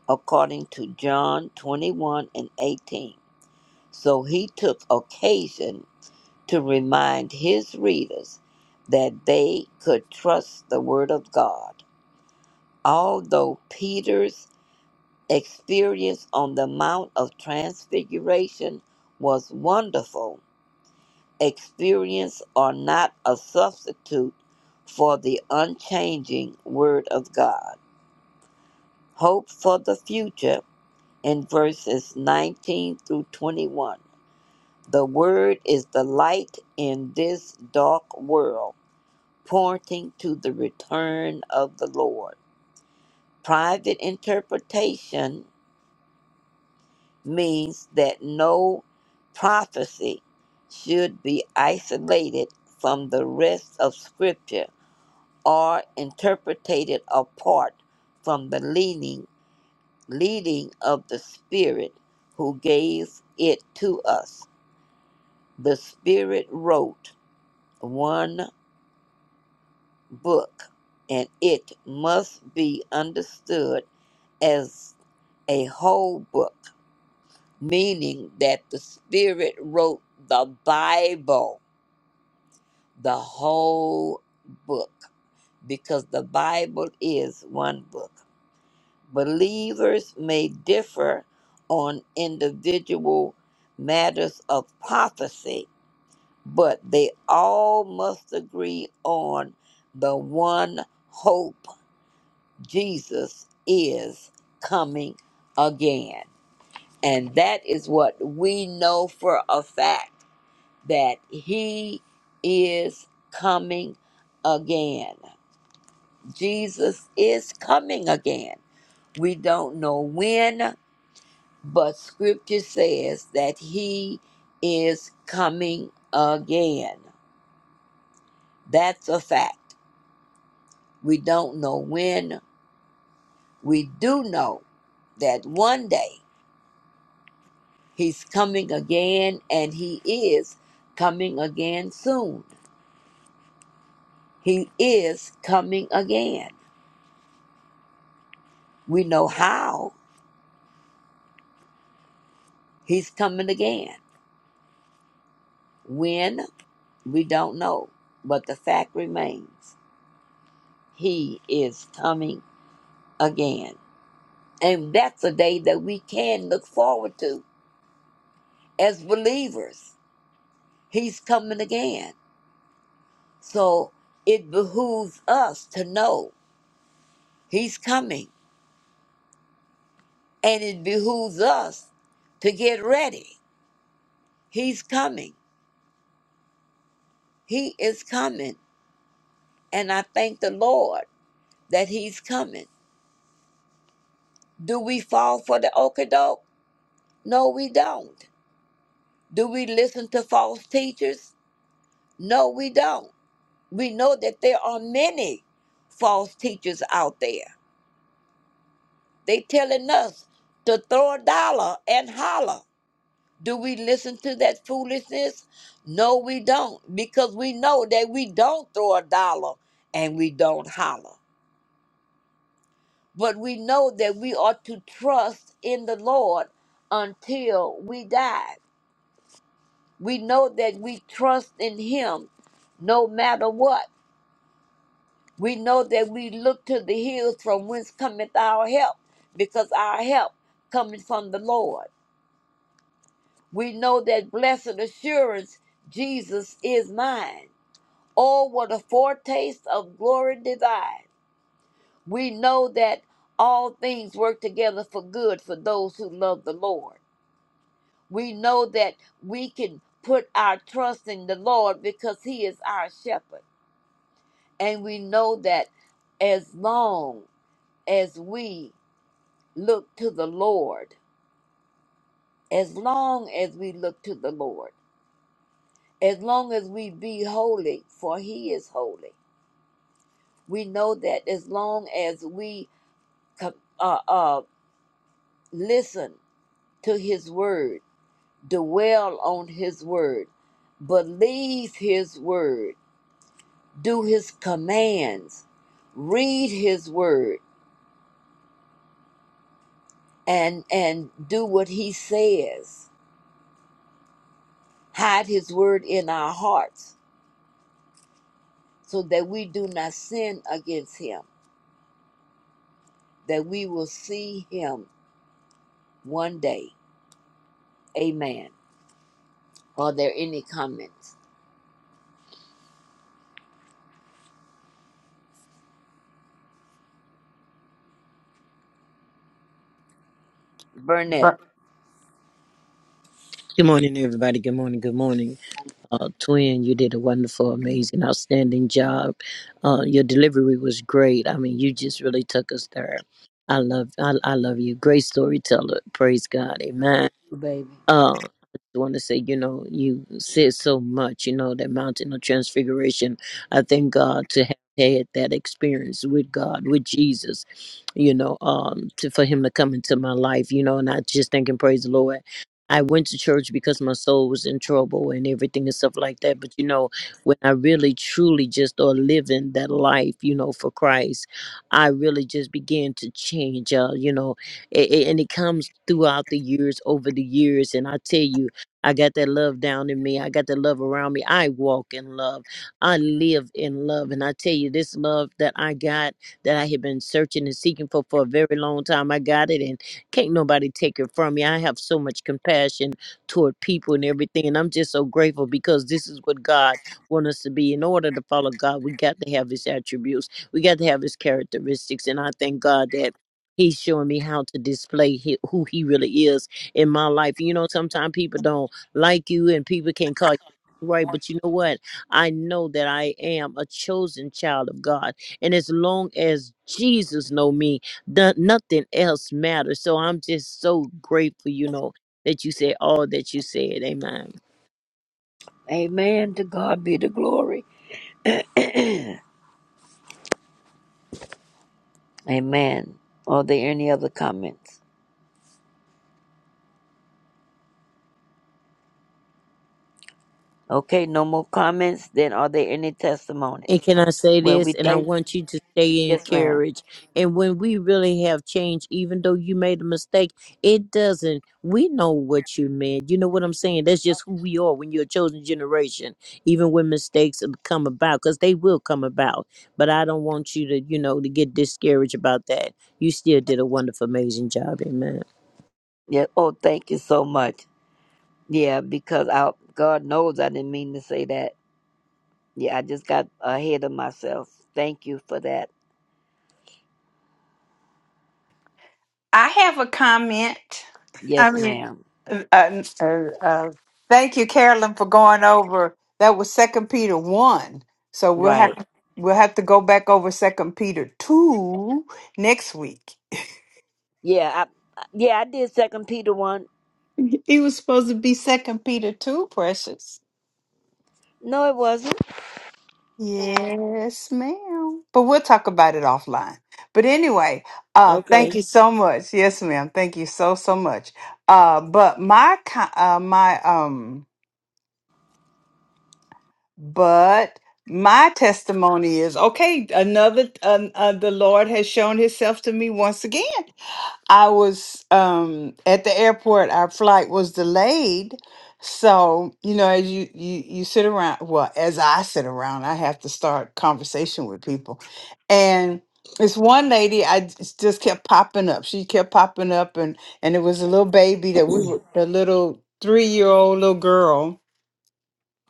according to John 21 and 18. So he took occasion to remind his readers that they could trust the Word of God. Although Peter's experience on the Mount of Transfiguration was wonderful, experience are not a substitute for the unchanging Word of God. Hope for the future in verses 19 through 21. The Word is the light in this dark world, pointing to the return of the Lord. Private interpretation means that no prophecy should be isolated from the rest of Scripture or interpreted apart from the leaning leading of the Spirit who gave it to us. The Spirit wrote one book, and it must be understood as a whole book, meaning that the Spirit wrote the Bible, the whole book, because the Bible is one book. Believers may differ on individual matters of prophecy but they all must agree on the one hope Jesus is coming again. And that is what we know for a fact that he is coming again. Jesus is coming again. We don't know when, but scripture says that he is coming again. That's a fact. We don't know when. We do know that one day he's coming again, and he is coming again soon. He is coming again. We know how he's coming again. When? We don't know. But the fact remains he is coming again. And that's a day that we can look forward to as believers. He's coming again. So it behooves us to know he's coming. And it behooves us to get ready. He's coming. He is coming. And I thank the Lord that he's coming. Do we fall for the okadoke? No, we don't. Do we listen to false teachers? No, we don't. We know that there are many false teachers out there. They telling us to throw a dollar and holler. Do we listen to that foolishness? No, we don't, because we know that we don't throw a dollar and we don't holler. But we know that we are to trust in the Lord until we die. We know that we trust in Him no matter what. We know that we look to the hills from whence cometh our help, because our help cometh from the Lord. We know that blessed assurance, Jesus is mine. All were the foretaste of glory divine. We know that all things work together for good for those who love the Lord. We know that we can put our trust in the Lord because He is our shepherd. And we know that as long as we look to the Lord, as long as we look to the Lord, as long as we be holy, for He is holy, we know that as long as we co- uh, uh, listen to his word, dwell on his word, believe his word, do his commands, read his word, and and do what he says. Hide his word in our hearts so that we do not sin against him, that we will see him one day. Amen. Are there any comments? Burnett, Good morning, everybody. Good morning. Good morning. Uh, twin, you did a wonderful, amazing, outstanding job. Uh, your delivery was great. I mean, you just really took us there. I love, I, I love you. Great storyteller. Praise God. Amen. baby. Uh, I just want to say, you know, you said so much, you know, that mountain of transfiguration. I thank God to have had that experience with God, with Jesus, you know, um, to, for him to come into my life, you know, and I just thank and praise the Lord. I went to church because my soul was in trouble and everything and stuff like that. But, you know, when I really truly just are living that life, you know, for Christ, I really just began to change, uh, you know, a- a- and it comes throughout the years, over the years. And I tell you, I got that love down in me. I got that love around me. I walk in love. I live in love. And I tell you, this love that I got, that I have been searching and seeking for for a very long time, I got it, and can't nobody take it from me. I have so much compassion toward people and everything, and I'm just so grateful because this is what God wants us to be. In order to follow God, we got to have His attributes. We got to have His characteristics, and I thank God that. He's showing me how to display hi who he really is in my life. You know, sometimes people don't like you and people can call you right, but you know what? I know that I am a chosen child of God. And as long as Jesus know me, the, nothing else matters. So I'm just so grateful, you know, that you said all that you said. Amen. Amen. To God be the glory. [clears throat] Amen. Are there any other comments? Okay, no more comments. Then are there any And testimonies? can I say Well, we this? And I thank. want you to stay Yes, ma'am. encouraged. And when we really have changed, even though you made a mistake, it doesn't. We know what you meant. You know what I'm saying? That's just who we are when you're a chosen generation, even when mistakes have come about, because they will come about. But I don't want you to, you know, to get discouraged about that. You still did a wonderful, amazing job. Amen. Yeah. Oh, thank you so much. Yeah, because I, God knows I didn't mean to say that. Yeah, I just got ahead of myself. Thank you for that. I have a comment. I Yes, mean, ma'am. uh, uh, uh, uh, thank you, Carolyn, for going over. That was Second Peter one. So we'll Right. have we'll have to go back over Second Peter two next week. Yeah. I, yeah, I did Second Peter one. It was supposed to be Second Peter two, precious. No, it wasn't. Yes, ma'am. But we'll talk about it offline. But anyway, uh, thank Okay. you so much. Yes, ma'am. Thank you so so much. Uh, but my co- uh, my um But my testimony is okay. Another, uh, uh, the Lord has shown Himself to me once again. I was um, at the airport. Our flight was delayed, so you know, as you you you sit around, well, as I sit around, I have to start conversation with people, and this one lady, I j- just kept popping up. She kept popping up, and and it was a little baby that we were, a little three year old little girl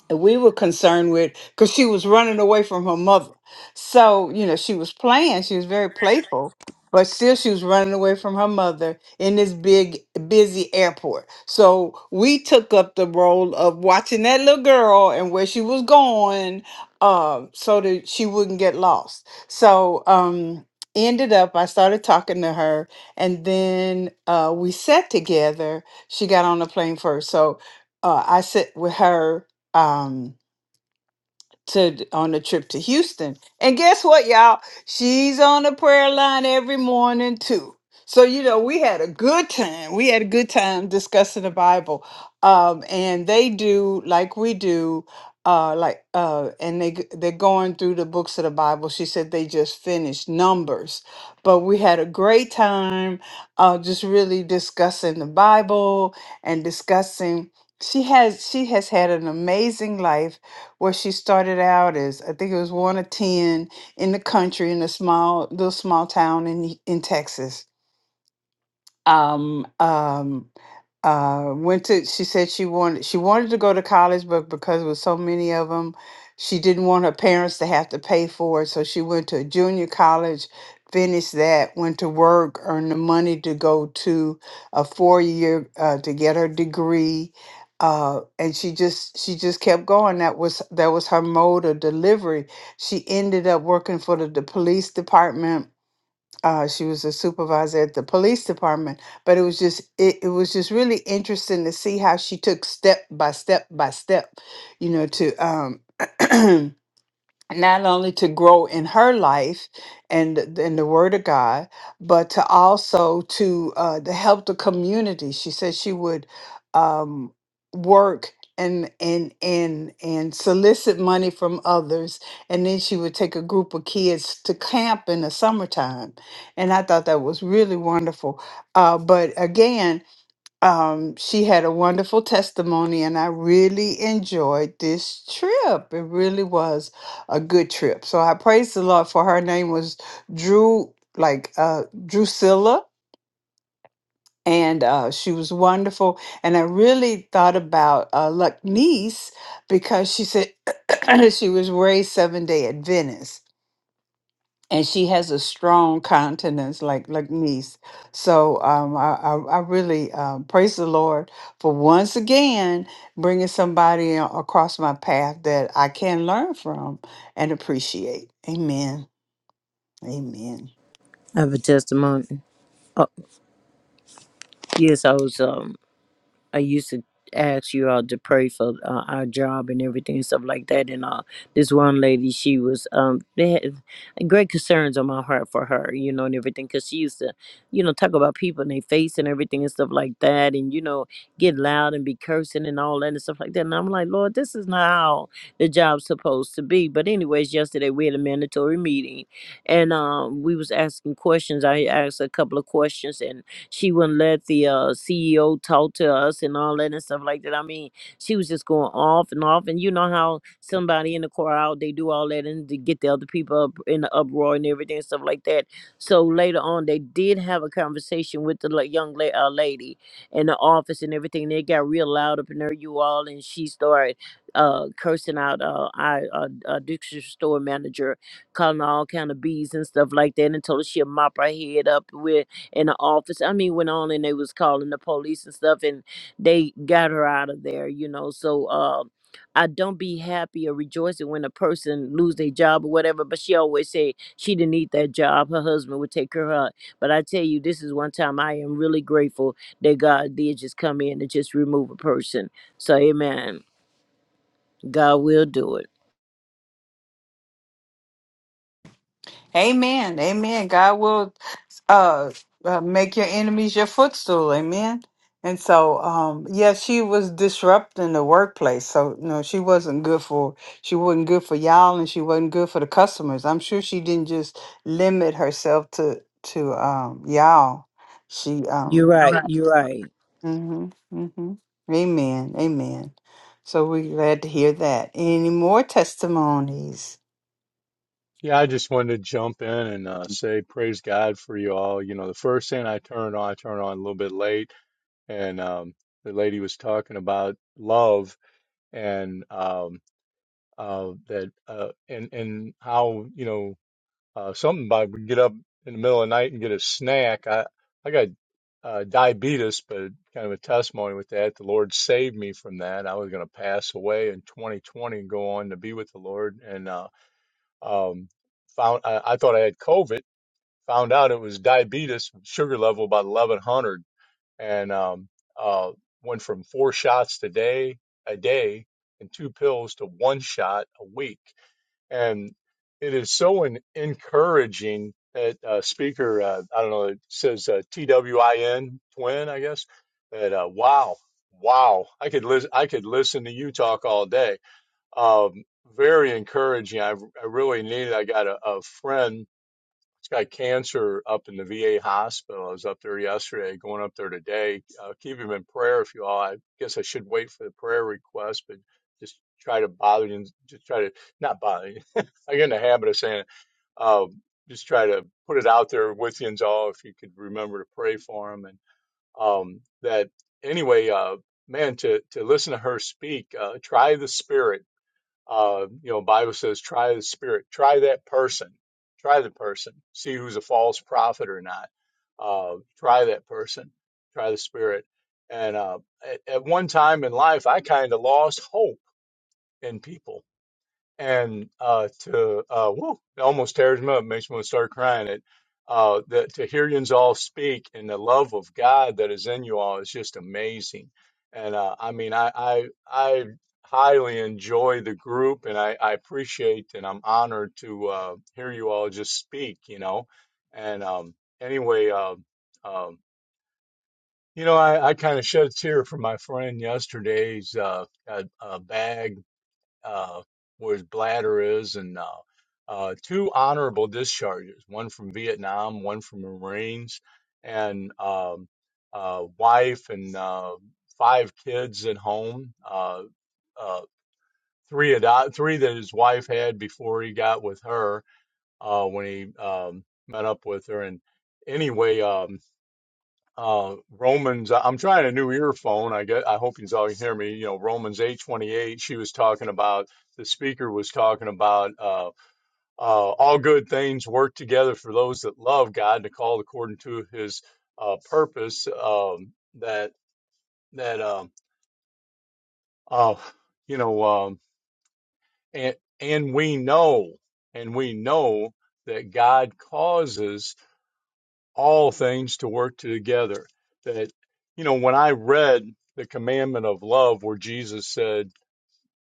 and we were concerned with because she was running away from her mother. So, you know, she was playing, she was very playful, but still she was running away from her mother in this big, busy airport. So we took up the role of watching that little girl and where she was going uh, so that she wouldn't get lost. So, um, ended up i started talking to her and then uh, we sat together she got on the plane first so uh, i sat with her um to on a trip to Houston. And guess what, y'all? She's on the prayer line every morning too. So you know, we had a good time. We had a good time discussing the Bible. Um and they do like we do uh like uh and they g- they're going through the books of the Bible. She said they just finished Numbers. But we had a great time uh just really discussing the Bible and discussing she has she has had an amazing life where she started out as I think it was one of ten in the country in a small little small town in in Texas um, um, uh, went to. She said she wanted she wanted to go to college, but because with so many of them, she didn't want her parents to have to pay for it. So she went to a junior college, finished that, went to work, earned the money to go to a four year uh, to get her degree. Uh, and she just she just kept going. That was that was her mode of delivery. She ended up working for the, the police department uh, she was a supervisor at the police department but it was just it, it was just really interesting to see how she took step by step by step you know to um [clears throat] not only to grow in her life and th- in the word of god but to also to uh to help the community she said she would um work and and and and solicit money from others and then she would take a group of kids to camp in the summertime and i thought that was really wonderful uh but again um, she had a wonderful testimony, and I really enjoyed this trip. It really was a good trip. So I praise the Lord for her name was Drew, like uh, Drusilla, and uh, she was wonderful. And I really thought about uh, Luck Niece because she said [clears throat] she was raised seven day Adventist and she has a strong countenance like like niece so um i i, I really um, praise the lord for once again bringing somebody a- across my path that i can learn from and appreciate amen amen I have a testimony. Oh, yes, I was. um. I used to ask you all to pray for uh, our job and everything and stuff like that. And uh, this one lady, she was um, they had great concerns on my heart for her, you know, and everything, because she used to, you know, talk about people and their face and everything and stuff like that, and you know, get loud and be cursing and all that and stuff like that. And I'm like, Lord, this is not how the job's supposed to be. But anyways, yesterday we had a mandatory meeting, and um, we was asking questions. I asked a couple of questions, and she wouldn't let the uh, CEO talk to us and all that and stuff like that. I mean, she was just going off and off. And you know how somebody in the crowd they do all that and to get the other people up in the uproar and everything and stuff like that. So later on, they did have a conversation with the la- young la- uh, lady in the office and everything. They got real loud up in there, you all, and she started uh, cursing out uh, our uh, uh, dictionary store manager, calling her all kind of bees and stuff like that, and told her she'll mop her head up in the office. I mean, went on and they was calling the police and stuff, and they got her out of there, you know. So uh, I don't be happy or rejoicing when a person lose their job or whatever. But she always say she didn't need that job. Her husband would take her out. But I tell you, this is one time I am really grateful that God did just come in and just remove a person. So Amen. God will do it. amen amen god will uh, uh make your enemies your footstool amen and so um yeah she was disrupting the workplace so no she wasn't good for she wasn't good for y'all and she wasn't good for the customers i'm sure she didn't just limit herself to to um y'all she You're um right. You're right. mhm mhm amen amen so we're glad to hear that any more testimonies Yeah, I just wanted to jump in and uh, say praise God for you all. You know, the first thing I turned on, I turned on a little bit late, and um, the lady was talking about love and um, uh, that uh, and and how you know uh, something about we get up in the middle of the night and get a snack. I I got uh, diabetes, but kind of a testimony with that. The Lord saved me from that. I was going to pass away in 2020 and go on to be with the Lord, and uh, um, found I, I thought I had COVID found out it was diabetes sugar level about 1100 and um, uh, went from four shots a day, a day and two pills to one shot a week and it is so en- encouraging that uh, speaker uh, i don't know it says uh, twin twin i guess that uh, wow wow i could listen i could listen to you talk all day um, very encouraging I, I really needed. i got a, a friend got cancer up in the VA hospital. I was up there yesterday, going up there today. Uh, keep him in prayer if you all. I guess I should wait for the prayer request, but just try to bother you. Just try to not bother you. [laughs] I get in the habit of saying, um, just try to put it out there with you all if you could remember to pray for him. And um, that anyway, uh, man, to to listen to her speak, uh, try the spirit uh, you know, Bible says, try the spirit, try that person, try the person, see who's a false prophet or not. Uh, try that person, try the spirit. And uh, at, at one time in life, I kind of lost hope in people and uh, to uh, whoa, it almost tears me up, makes me want to start crying. It uh, that to hear you all speak and the love of God that is in you all is just amazing. And uh, I mean, I, I I highly enjoy the group, and I, I appreciate and I'm honored to uh, hear you all just speak. You know, and um, anyway, uh, um, you know, I, I kind of shed a tear for my friend yesterday's uh, uh, uh, bag uh, where his bladder is, and uh, uh, two honorable discharges, one from Vietnam, one from the Marines, and um, uh, wife and uh, five kids at home. Uh, uh, three ado- three that his wife had before he got with her uh, when he um, met up with her, and anyway. Um, uh, Romans. uh, I'm trying a new earphone. I get. I hope you all can hear me. You know, Romans 8:28. She was talking about. The speaker was talking about uh, uh, all good things work together for those that love God and are called according to His uh, purpose. Um, that that um, uh, you know, um, and and we know, and we know that God causes. all things to work together. That, you know, when I read the commandment of love, where Jesus said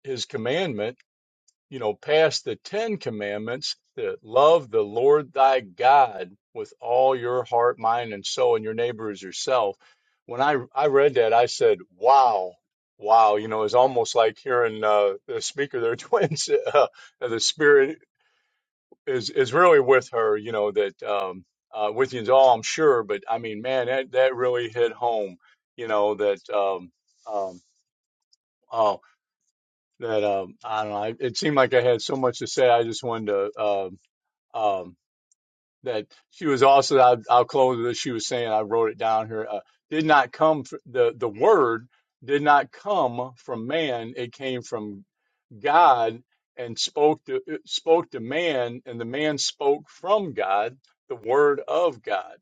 his commandment, you know, past the 10 commandments, that love the Lord thy God with all your heart, mind, and soul, and your neighbor as yourself. When I, I read that, I said, wow, wow, you know, it's almost like hearing uh, the speaker, their twins, [laughs] uh, the spirit is is really with her, you know, that um uh with you all I'm sure, but I mean, man, that that really hit home, you know, that um um oh that um I don't know, I, it seemed like I had so much to say. I just wanted to um um that she was also I, I'll close with this. She was saying I wrote it down here. Uh, did not come fr- the the word did not come from man. It came from God and spoke to uh, spoke to man, and the man spoke from God, the word of God.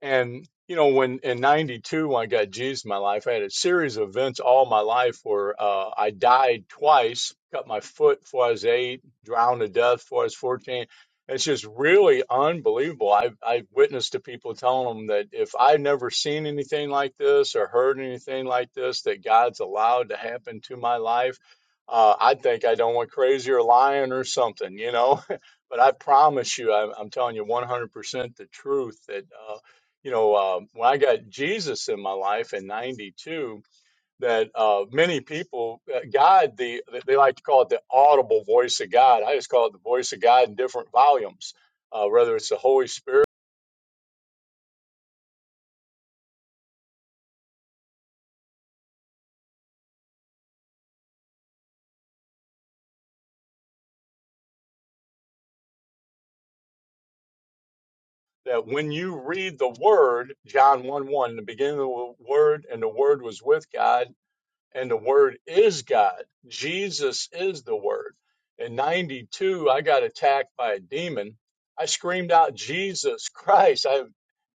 And you know, when in '92, when I got Jesus in my life, I had a series of events all my life where uh, I died twice, cut my foot before I was eight, drowned to death before I was 14. It's just really unbelievable. I have I have witnessed to people telling them that if I've never seen anything like this or heard anything like this, that God's allowed to happen to my life, uh, I'd think I don't went crazy or lying or something, you know. [laughs] but I promise you, I'm, I'm telling you 100% the truth that. uh, you know, uh, when I got Jesus in my life in '92, that uh, many people, uh, God, the they like to call it the audible voice of God. I just call it the voice of God in different volumes, uh, whether it's the Holy Spirit. That when you read the Word, John 1 1, in the beginning of the Word, and the Word was with God and the word is God. Jesus is the word. In 92, I got attacked by a demon. I screamed out, Jesus Christ. I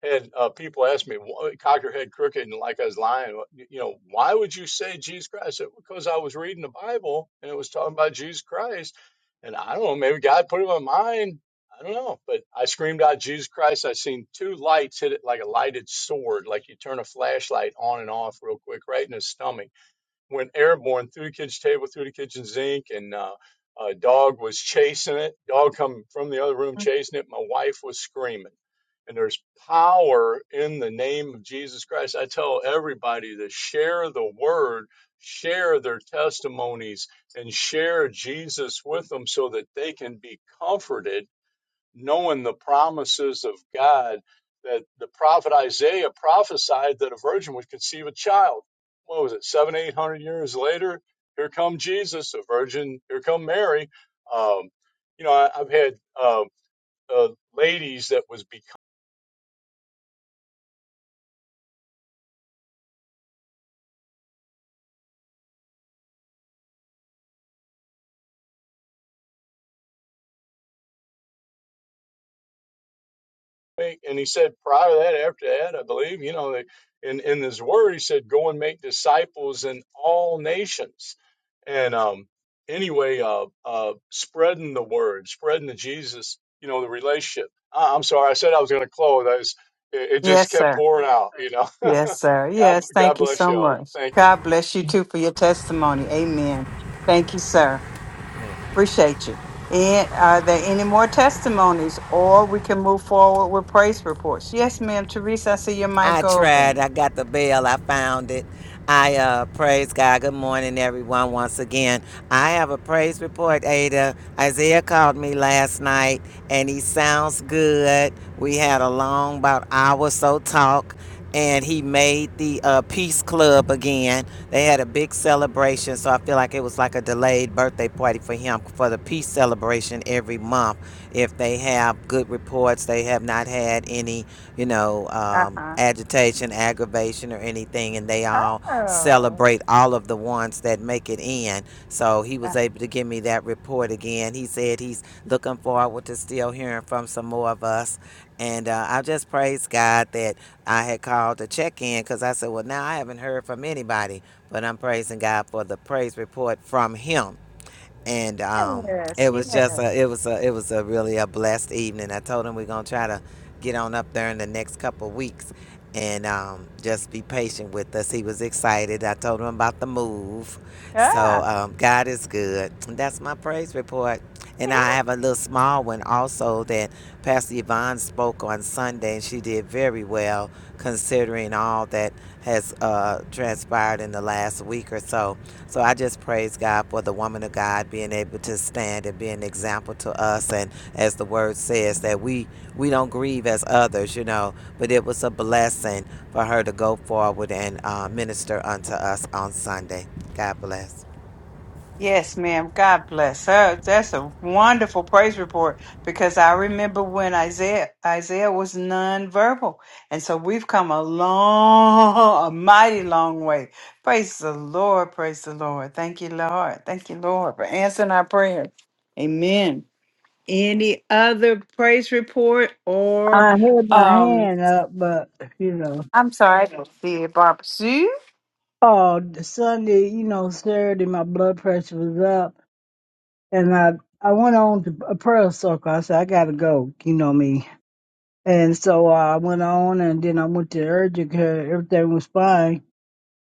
had uh, people ask me, "Why- cock your head crooked and like I was lying, you know, why would you say Jesus Christ? I said, because I was reading the Bible and it was talking about Jesus Christ. And I don't know, maybe God put it in my mind. I don't know. But I screamed out, Jesus Christ. I seen two lights hit it like a lighted sword, like you turn a flashlight on and off real quick, right in his stomach went airborne through the kitchen table, through the kitchen sink, and uh, a dog was chasing it. Dog come from the other room chasing it. My wife was screaming. And there's power in the name of Jesus Christ. I tell everybody to share the word, share their testimonies, and share Jesus with them so that they can be comforted knowing the promises of God that the prophet Isaiah prophesied that a virgin would conceive a child. What was it, seven, eight hundred years later? Here come Jesus, a virgin. Here come Mary. Um, you know, I, I've had um uh, ladies that was and he said prior to that after that i believe you know in in his word he said go and make disciples in all nations and um anyway uh uh spreading the word spreading the jesus you know the relationship I, i'm sorry i said i was going to close i was, it, it just yes kept sir pouring out you know [laughs] Yes, sir. god Yes, god thank you bless so y'all much. thank you God bless you too for your testimony. Amen. Thank you, sir. Appreciate you. And are there any more testimonies or we can move forward with praise reports? Yes, ma'am. Teresa, I see your I mic tried. I open. got the bell. I found it. I uh, praise God. Good morning, everyone. Once again, I have a praise report. Ada Isaiah called me last night, and he sounds good. We had a long, about hour or so talk, and he made the uh, Peace Club again. They had a big celebration, so I feel like it was like a delayed birthday party for him for the peace celebration every month. If they have good reports, they have not had any you know, um, Uh-huh. agitation, aggravation, or anything, and they all Oh. celebrate all of the ones that make it in. So he was [laughs] able to give me that report again. He said he's looking forward to still hearing from some more of us. And uh, I just praise God that I had called to check in because I said, well, now I haven't heard from anybody, but I'm praising God for the praise report from him and um, Yes, it yes. was just a, it was a, it was a really a blessed evening. I told him we're gonna try to get on up there in the next couple weeks, and um, just be patient with us. He was excited. I told him about the move, so Yeah. um, God is good. And That's my praise report. And Yeah. I have a little small one also that Pastor Yvonne spoke on Sunday, and she did very well considering all that has uh, transpired in the last week or so. So I just praise God for the woman of God being able to stand and be an example to us. And as the word says, that we we don't grieve as others, you know. But it was a blessing for her to go forward and uh, minister unto us on Sunday. God bless. Yes, ma'am. God bless. her. That's a wonderful praise report because I remember when Isaiah Isaiah was nonverbal, and so we've come a long, a mighty long way. Praise the Lord. Praise the Lord. Thank you, Lord. Thank you, Lord, for answering our prayer. Amen. Any other praise report or I had my um? hand up, but you know, I'm sorry, I don't see it, Barbara Sue. oh, Sunday, you know, Saturday, my blood pressure was up. and I I went on to a prayer circle. I said I gotta go, you know me. And so uh, I went on, and then I went to urgent care. Everything was fine,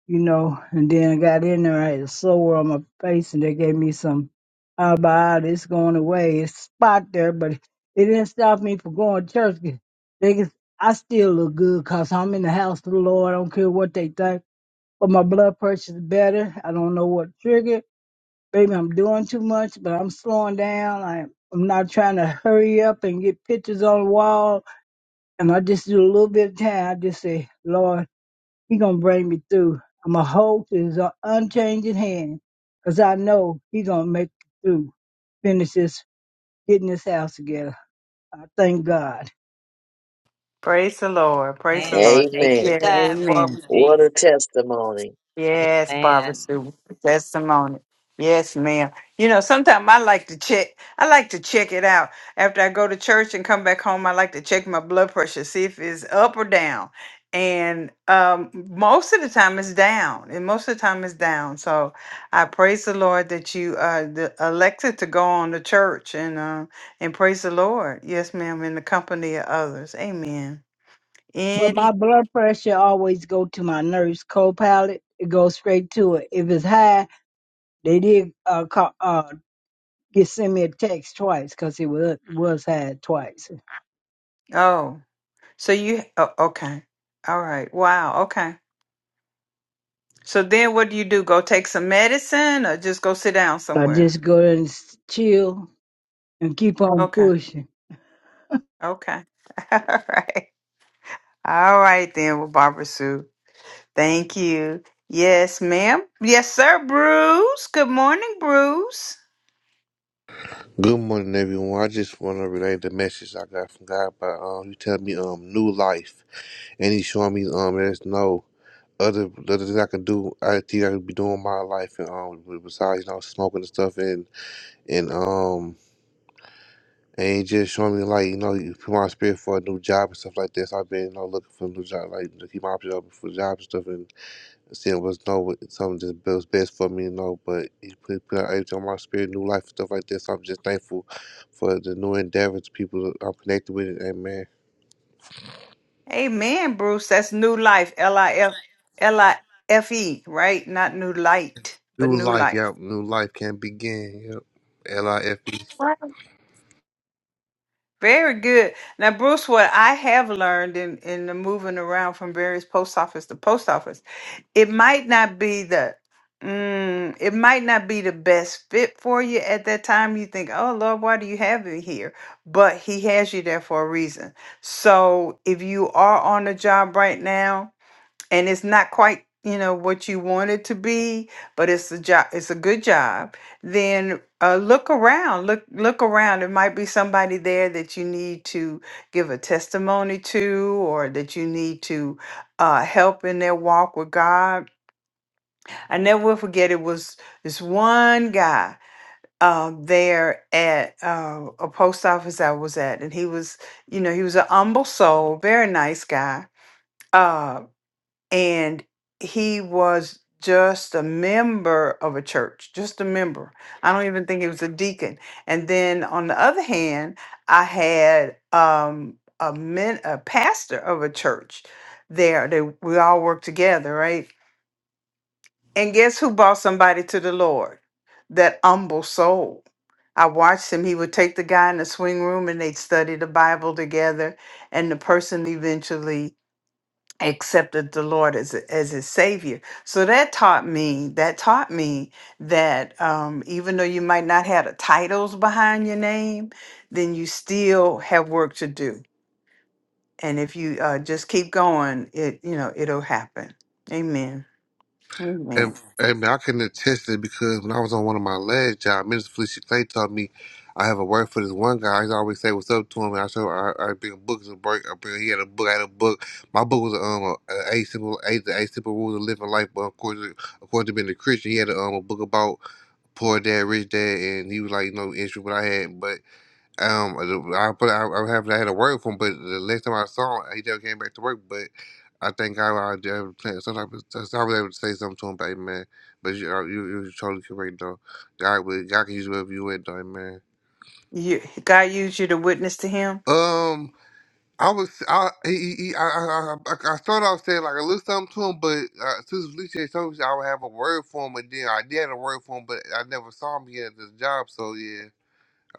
you know. And then I got in there, I had a sore on my face, and they gave me some antibiotics. It's going away. It's a spot there, but it didn't stop me from going to church. 'cause They, can- I still look good cause I'm in the house of the Lord. I don't care what they think. But my blood pressure's better. I don't know what triggered. Maybe I'm doing too much, but I'm slowing down. I, I'm not trying to hurry up and get pictures on the wall. And I just do a little bit of time. I just say, Lord, He going to bring me through. I'm a hold to His unchanging hand because I know He going to make it through. Finish this, getting this house together. I thank God. Praise the Lord. Praise the Man, Lord. take your Amen. Yeah, time, amen. Barbara What Jean. a testimony. Yes, Barbara Man, Sue. Testimony. Yes, ma'am. You know, sometimes I like to check. I like to check it out after I go to church and come back home. I like to check my blood pressure, see if it's up or down. And um, most of the time, it's down. And most of the time, it's down. So I praise the Lord that you uh, the elected to go on to church and uh, and praise the Lord. Yes, ma'am. In the company of others. Amen. But my Any? blood pressure always go to my nurse co-pilot. It goes straight to it. If it's high, they did uh, call, He send me a text twice because he was was had twice. So Oh. So you, oh, okay. All right. Wow. Okay. So then what do you do? Go take some medicine or just go sit down I somewhere? just go and s- chill and keep on Okay. pushing. Okay. [laughs] All right. All right then with Barbara Sue. Thank you. Yes, ma'am. Yes, sir, Bruce. Good morning, Bruce. Good morning, everyone. I just want to relay the message I got from God by um, He telling me um new life, and He showing me um there's no other other thing I can do. I think I could be doing my life, and um besides you know smoking and stuff, and and um and he just showing me like you know you put my spirit for a new job and stuff like this. I've been you know looking for a new job, like to keep my options open for jobs and stuff, and. Saying was no, something just was best for me, you know. But he put, put out everything on my spirit, new life, stuff like that. So I'm just thankful for the new endeavors, people I'm connected with. Amen. Amen, Bruce. That's new life. L I F L I F E, right? Not new light, but New new life, life. yep. New life can begin. Yep. L I F E. Very good. Now, Bruce, what I have learned in in the moving around from various post office to post office, it might not be the mm, it might not be the best fit for you at that time. You think, oh Lord, why do you have me here? But He has you there for a reason. So if you are on the job right now and it's not quite you know what you want it to be but it's a job it's a good job then uh, look around look look around there might be somebody there that you need to give a testimony to or that you need to uh, help in their walk with god i never will forget it was this one guy uh, there at uh, a post office i was at and he was you know he was an humble soul very nice guy uh, and he was just a member of a church, just a member. I don't even think he was a deacon. And then on the other hand, I had um, a men, a pastor of a church there. They we all worked together, right? And guess who brought somebody to the Lord? That humble soul. I watched him. He would take the guy in the swing room and they'd study the Bible together. And the person eventually accepted the Lord as a- as his savior. So that taught me that taught me that um, even though you might not have the titles behind your name, then you still have work to do. And if you uh, just keep going, it you know it'll happen. Amen. Amen. And, and man, I can attest it because when I was on one of my last jobs, Minister Felicia Clay told me I have a word for this one guy. I always say what's up to him, and I show I, I bring a book as a break. I bring, he had a book, I had a book. My book was um a, a simple a the eight simple rules of living life, but of course, of course, to being a Christian, he had a, um a book about poor dad, rich dad, and he was like you know issue what I had, but. Um, I but I, I haven't had a word from him. But the last time I saw him, he never came back to work. But I think I, I, I sometimes I was able to say something to him, but man. But you, are- you, you're totally correct though. God, will- God can use whatever you at, though, man. You, God used you to witness to Him. Um, I was I he, he, I, I I I started off saying like a little something to him, but uh, since Felicia told me I would have a word for him, and then I did have a word for him, but I never saw him yet at this job. So yeah.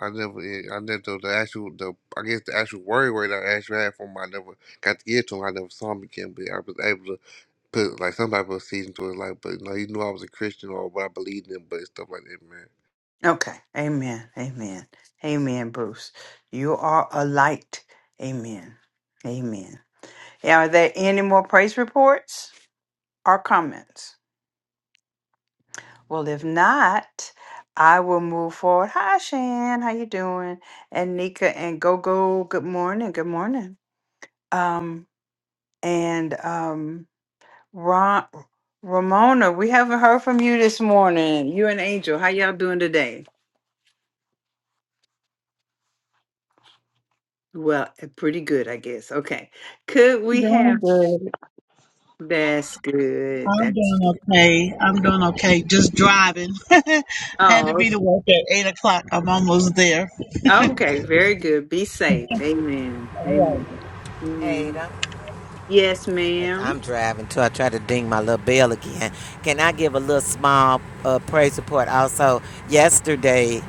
I never, eh, I never the, the actual, the I guess the actual worry word I actually had for him, I never got to get to him. I never saw him again, but I was able to put like some type of season to his life. But you know, he knew I was a Christian or what I believed in, but stuff like that, man. Okay. Amen. Amen. Amen, Bruce. You are a light. Amen. Amen. Are there any more praise reports or comments? Well, if not, I will move forward. Hi, Shan. How you doing? And Nika and Gogo. Good morning. Good morning. Um and um Ron, Ramona, we haven't heard from you this morning. You and Angel, how y'all doing today? Well, eh, pretty good, I guess. Okay. Could we have? Doing good. That's good. I'm That's doing okay. I'm doing okay. Just driving. [laughs] I had to oh, be to work at eight o'clock. I'm almost there. okay. Very good. Be safe. Amen. All right. Amen. Amen. Ada. Yes, I'm madam driving too. I try to ding my little bell again. Can I give a little small uh, praise report? Also, yesterday,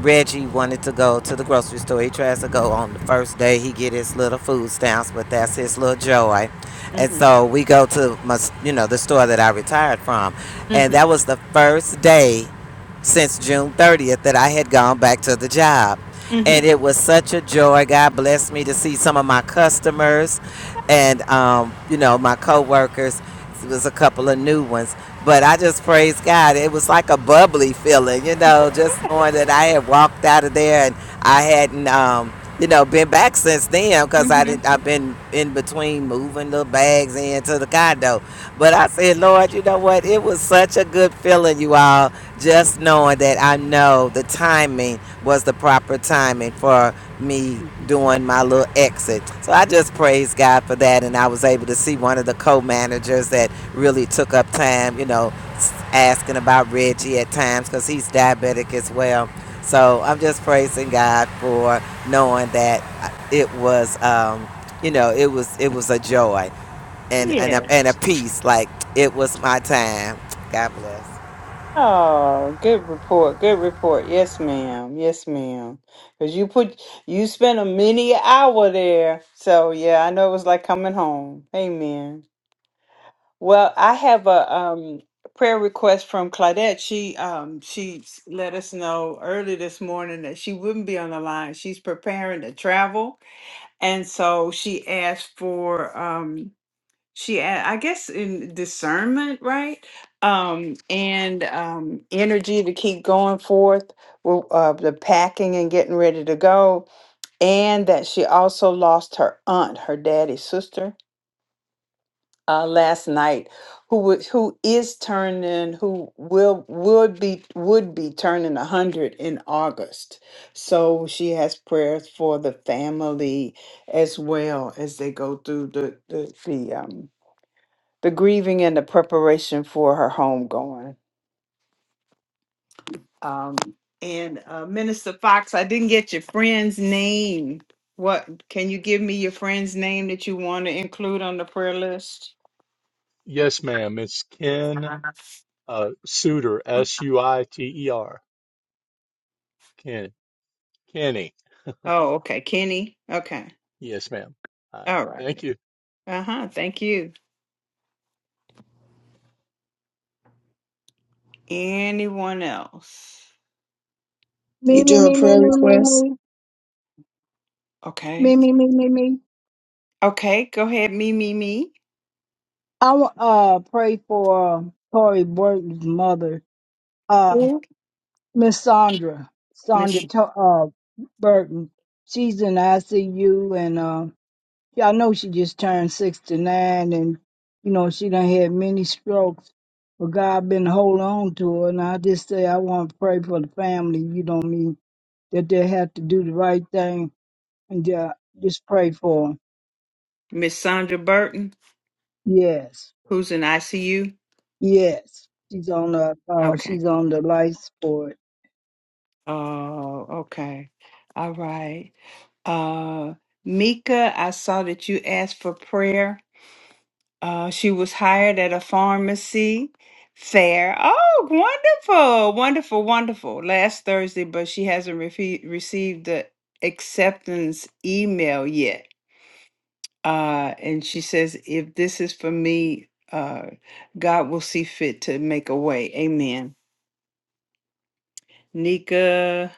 Reggie wanted to go to the grocery store. He tries to go on the first day. He get his little food stamps, but that's his little joy. And Mm-hmm. so we go to my, you know, the store that I retired from, and Mm-hmm. that was the first day since June 30th that I had gone back to the job. And Mm-hmm. it was such a joy. God blessed me to see some of my customers and, um, you know, my coworkers. It was a couple of new ones. But I just praise God. It was like a bubbly feeling, you know, just knowing that I had walked out of there and I hadn't, um, you know, been back since then because I Mm-hmm. didn't. I've been in between moving the bags into the condo. But I said, Lord, you know what? It was such a good feeling, you all just knowing that I know the timing was the proper timing for me Mm-hmm. doing my little exit. So I just praise God for that. And I was able to see one of the co managers that really took up time, you know, s- asking about Reggie at times because he's diabetic as well. So I'm just praising God for knowing that uh, it was, um, you know, it was it was a joy and and a, Yeah. and a peace. Like it was my time. God bless. Oh, good report. Good report. Yes, ma'am. Yes, ma'am. Cause you put you spent a many hour there. So yeah, I know it was like coming home. Amen. Well, I have a um, prayer request from Claudette. She um, she s- let us know early this morning that she wouldn't be on the line. She's preparing to travel, and so she asked for um, she a- I guess in discernment, right? Um, and um, energy to keep going forth with uh, the packing and getting ready to go, and that she also lost her aunt, her daddy's sister uh, last night who would who is turning who will would be would be turning 100 in august so she has prayers for the family as well as they go through the the, the um the grieving and the preparation for her homegoing um and uh, minister fox i didn't get your friend's name what can you give me your friend's name that you want to include on the prayer list yes ma'am it's ken uh suiter s-u-i-t-e-r ken kenny Oh, okay. Kenny. Okay. yes ma'am all right All thank you righty. Uh-huh. Thank you. Anyone else? Me You me doing me me prayer me me requests? me me Okay. me me me me. Okay. Go ahead. Me, me, me. I want uh pray for uh, Corey Burton's mother, uh Yeah. Miss Sandra Sandra Miss to- uh Burton. She's in ICU and uh. Y'all know she just turned 69 and, you know, she done had many strokes. But God been holding on to her. And I just say, I want to pray for the family, you know what mean? That they have to do the right thing and ju- just pray for her. Miss Sandra Burton, Yes. who's in ICU. Yes. She's on the, uh, Okay. she's on the life support. Oh, okay. All right. Uh Mika, I saw that you asked for prayer. Uh, she was hired at a pharmacy fair. Oh, wonderful, wonderful, wonderful. Last Thursday, but she hasn't refe- received the acceptance email yet. Uh, and she says, if this is for me, uh, God will see fit to make a way. Amen. Nika,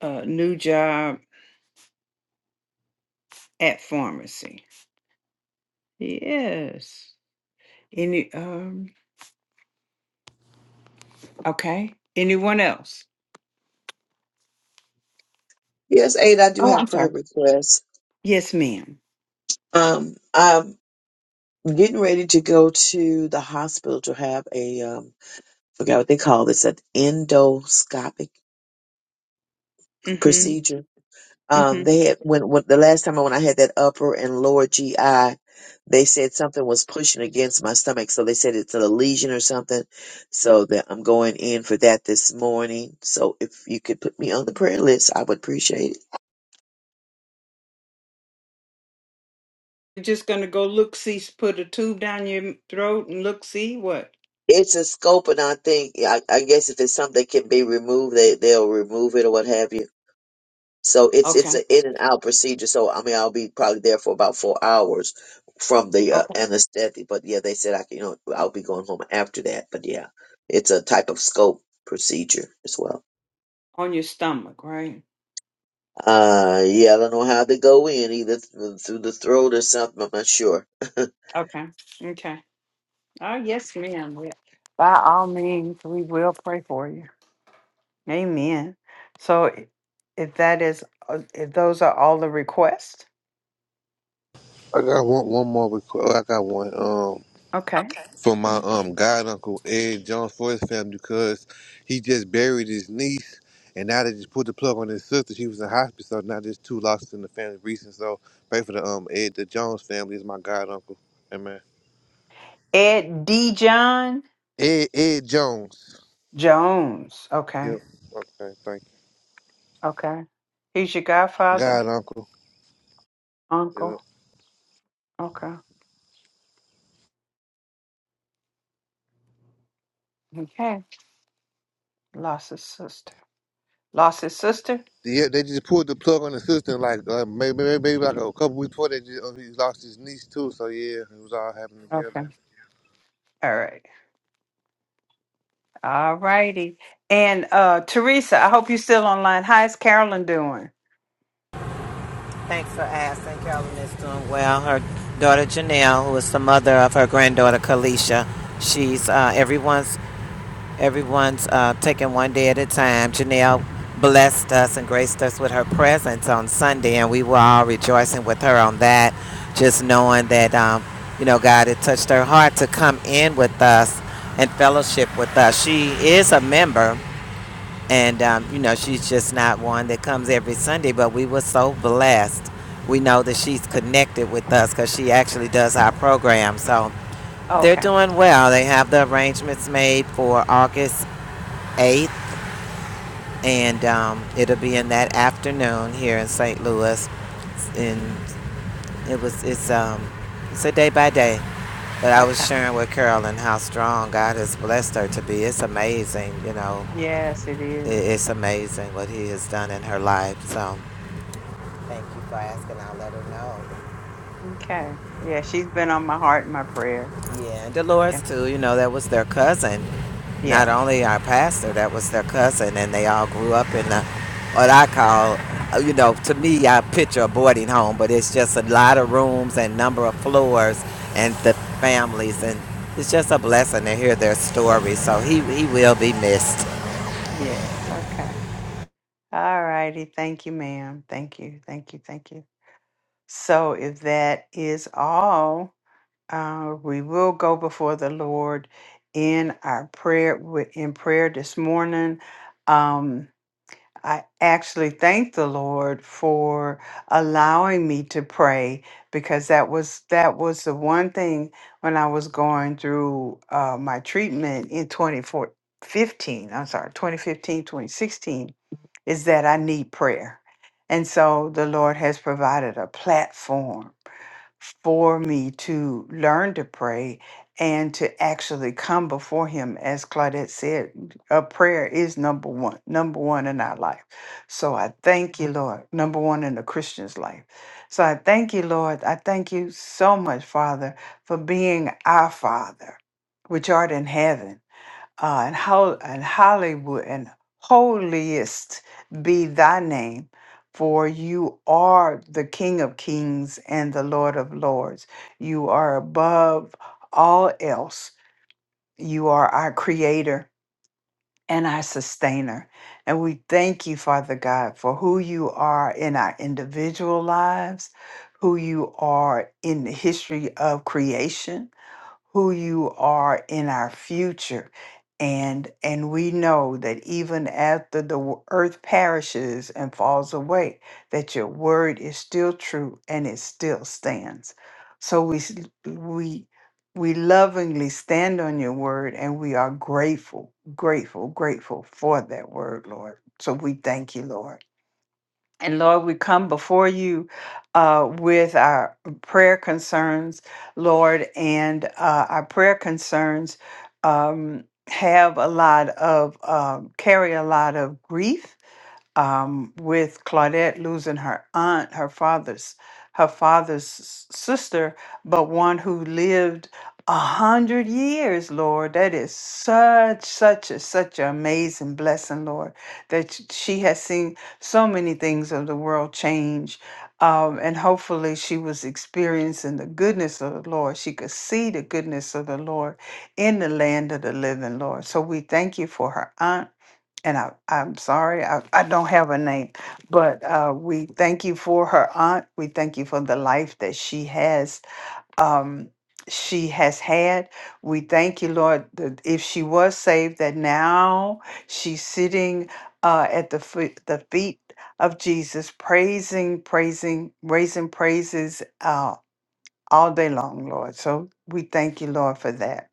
uh, new job at pharmacy. Yes. Any, um, okay. Anyone else? Yes, Ada, I do Oh, have I'm prayer sorry. requests. Yes, madam Um, I'm getting ready to go to the hospital to have a um forgot what they call this, an endoscopic procedure. hmm Um, they had when, when the last time I- when I had that upper and lower GI, they said something was pushing against my stomach, so they said it's a lesion or something. So that I'm going in for that this morning. So if you could put me on the prayer list, I would appreciate it. You're just gonna go look, see, s- put a tube down your m- throat and look, see what? It's a scope, and I think I, I guess if it's something that can be removed, they they'll remove it or what have you. So it's it's Okay, an in and out procedure. So I mean, I'll be probably there for about four hours from the uh, okay. anesthetic. But yeah, they said I can, you know, I'll be going home after that. But yeah, it's a type of scope procedure as well. On your stomach, right? Uh, yeah, I don't know how they go in either th- through the throat or something. I'm not sure. Okay, okay. Oh, yes, ma'am. We- By all means, we will pray for you. Amen. So, i- if that is, uh, if those are all the requests, I got one, one more request. I got one um okay. Okay. from my um god uncle Ed Jones for his family because he just buried his niece and now they just put the plug on his sister. She was in hospice, so now there's two losses in the family recent. So pray for the um Ed the Jones family is my god uncle. Amen. Ed D. John Ed, Ed Jones. Jones. Yep. Okay, Okay. Thank okay. He's your you. godfather, God, uncle. Yep. uncle. Okay, okay. Lost his sister. Lost his sister. Yeah, they just pulled the plug on the system like uh, maybe, maybe maybe like a couple weeks before they just, uh, he lost his niece too. So yeah, it was all happening together. All right. All righty. And uh Teresa, I hope you're still online. How's Carolyn doing? Thanks for asking. Carolyn is doing well. Her daughter Janelle, who is the mother of her granddaughter Kalisha, she's uh, everyone's everyone's uh, taking one day at a time. Janelle blessed us and graced us with her presence on Sunday, and we were all rejoicing with her on that. Just knowing that um, you know God had touched her heart to come in with us and fellowship with us. She is a member. And, um, you know, she's just not one that comes every Sunday, but we were so blessed. We know that she's connected with us because she actually does our program. So they're Okay. doing well. They have the arrangements made for August 8th, and um, it'll be in that afternoon here in St. Louis. And it was, it's, um, it's a day by day. But I was Okay. sharing with Carolyn how strong God has blessed her to be. It's amazing, you know. Yes, it is. It's amazing what He has done in her life. So Thank you for asking. I'll let her know. Okay. Yeah, she's been on my heart and my prayers. Yeah, and Yeah. Dolores too. You know, that was their cousin. Not Yeah. only our pastor, that was their cousin, and they all grew up in the what I call, uh, you know, to me, I picture a boarding home, but it's just a lot of rooms and number of floors and the families, and it's just a blessing to hear their stories. So he he will be missed. Yes. Okay. All righty. Thank you, ma'am. Thank you. Thank you. Thank you. So if that is all, uh, we will go before the Lord in our prayer in prayer this morning. Um I actually thank the Lord for allowing me to pray because that was that was the one thing when I was going through uh, my treatment in 2015, I'm sorry, 2015, 2016. is that I need prayer. And so the Lord has provided a platform for me to learn to pray and to actually come before him as claudette said a prayer is number one number one in our life so i thank you lord number one in the christian's life so i thank you lord i thank you so much father for being our father which art in heaven uh, and, hol- and Hollywood and holiest be thy name, for you are the King of kings and the Lord of lords. You are above all else. You are our creator and our sustainer. And we thank you, Father God, for who you are in our individual lives, who you are in the history of creation who you are in our future. And and we know that even after the w- earth perishes and falls away, that your word is still true and it still stands. So we s- we we lovingly stand on your word and we are grateful, grateful, grateful for that word, Lord. So we thank you, Lord. And Lord, we come before you uh, with our prayer concerns, Lord, and uh, our prayer concerns um, have a lot of, um, carry a lot of grief um, with Claudette losing her aunt, her father's, her father's s- sister, but one who lived a hundred years, Lord. That is such, such a, such an amazing blessing, Lord, that sh- she has seen so many things of the world change. Um, and hopefully she was experiencing the goodness of the Lord. She could see the goodness of the Lord in the land of the living, Lord. So we thank you for her aunt and I, I'm sorry, I, I don't have a name, but uh, we thank you for her aunt. We thank you for the life that she has. Um, she has had. We thank you, Lord, that if she was saved, that now she's sitting uh, at the foot, the feet of Jesus, praising, praising, raising praises uh, all day long, Lord. So we thank you, Lord, for that.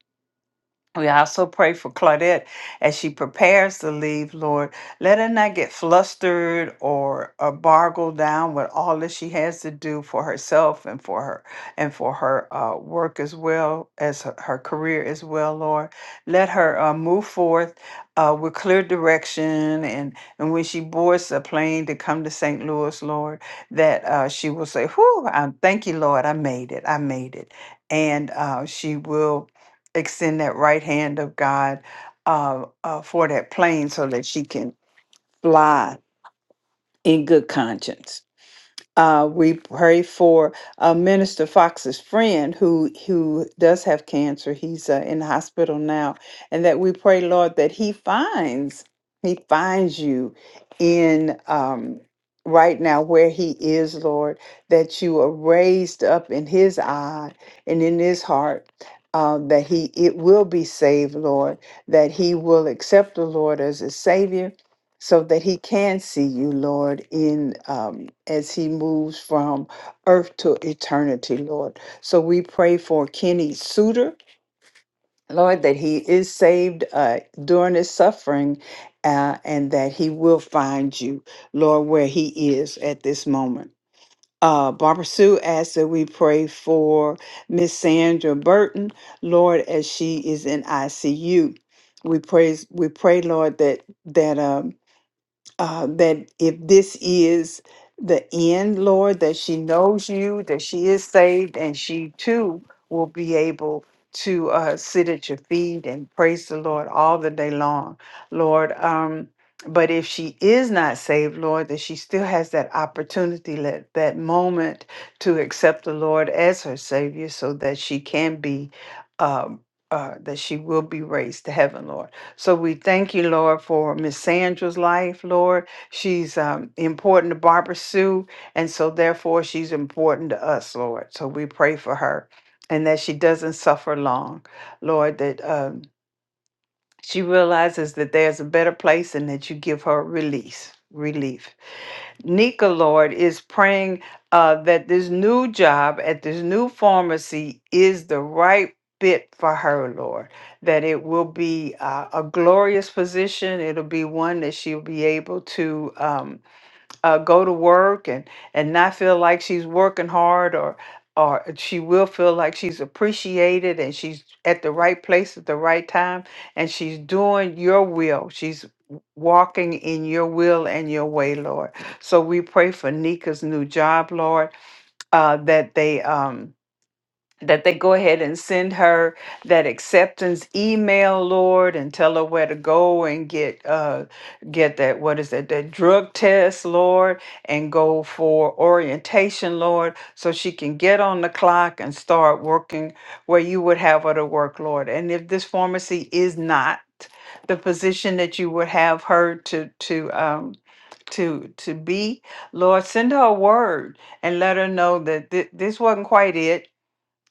We also pray for Claudette as she prepares to leave, Lord. Let her not get flustered or, or bargled down with all that she has to do for herself and for her and for her uh, work as well as her, her career as well, Lord. Let her uh, move forth uh, with clear direction and and when she boards the plane to come to St. Louis, Lord, that uh, she will say, "Whew! I thank you, Lord. I made it. I made it," and uh, she will extend that right hand of God uh, uh, for that plane so that she can fly in good conscience. Uh, we pray for uh, Minister Fox's friend who who does have cancer. He's uh, in the hospital now, and that we pray, Lord, that he finds he finds you in um, right now where he is, Lord. That you are raised up in his eye and in his heart. Uh, that he it will be saved, Lord. That he will accept the Lord as a savior so that he can see you, Lord, in um, as he moves from earth to eternity, Lord. So we pray for Kenny Suter, Lord, that he is saved uh, during his suffering, uh, and that he will find you, Lord, where he is at this moment. Uh, Barbara Sue asks that we pray for Miss Sandra Burton, Lord, as she is in ICU. We praise, we pray, Lord, that that um, uh, that if this is the end, Lord, that she knows you, that she is saved, and she too will be able to uh, sit at your feet and praise the Lord all the day long, Lord. Um, but if she is not saved, Lord, that she still has that opportunity, that, that moment to accept the Lord as her Savior so that she can be, um, uh, that she will be raised to heaven, Lord. So we thank you, Lord, for Miss Sandra's life, Lord. She's um, important to Barbara Sue, and so therefore she's important to us, Lord. So we pray for her and that she doesn't suffer long, Lord, that um, she realizes that there's a better place and that you give her release, relief. Nika Lord is praying uh, that this new job at this new pharmacy is the right fit for her, Lord. That it will be uh, a glorious position. It'll be one that she'll be able to. Um, uh, go to work and and not feel like she's working hard or or she will feel like she's appreciated and she's at the right place at the right time and she's doing your will she's w- walking in your will and your way lord so we pray for nika's new job lord uh, that they um, that they go ahead and send her that acceptance email, Lord, and tell her where to go and get uh get that what is that that drug test, Lord, and go for orientation, Lord, so she can get on the clock and start working where you would have her to work, Lord. And if this pharmacy is not the position that you would have her to to um to to be, Lord, send her a word and let her know that thi- this wasn't quite it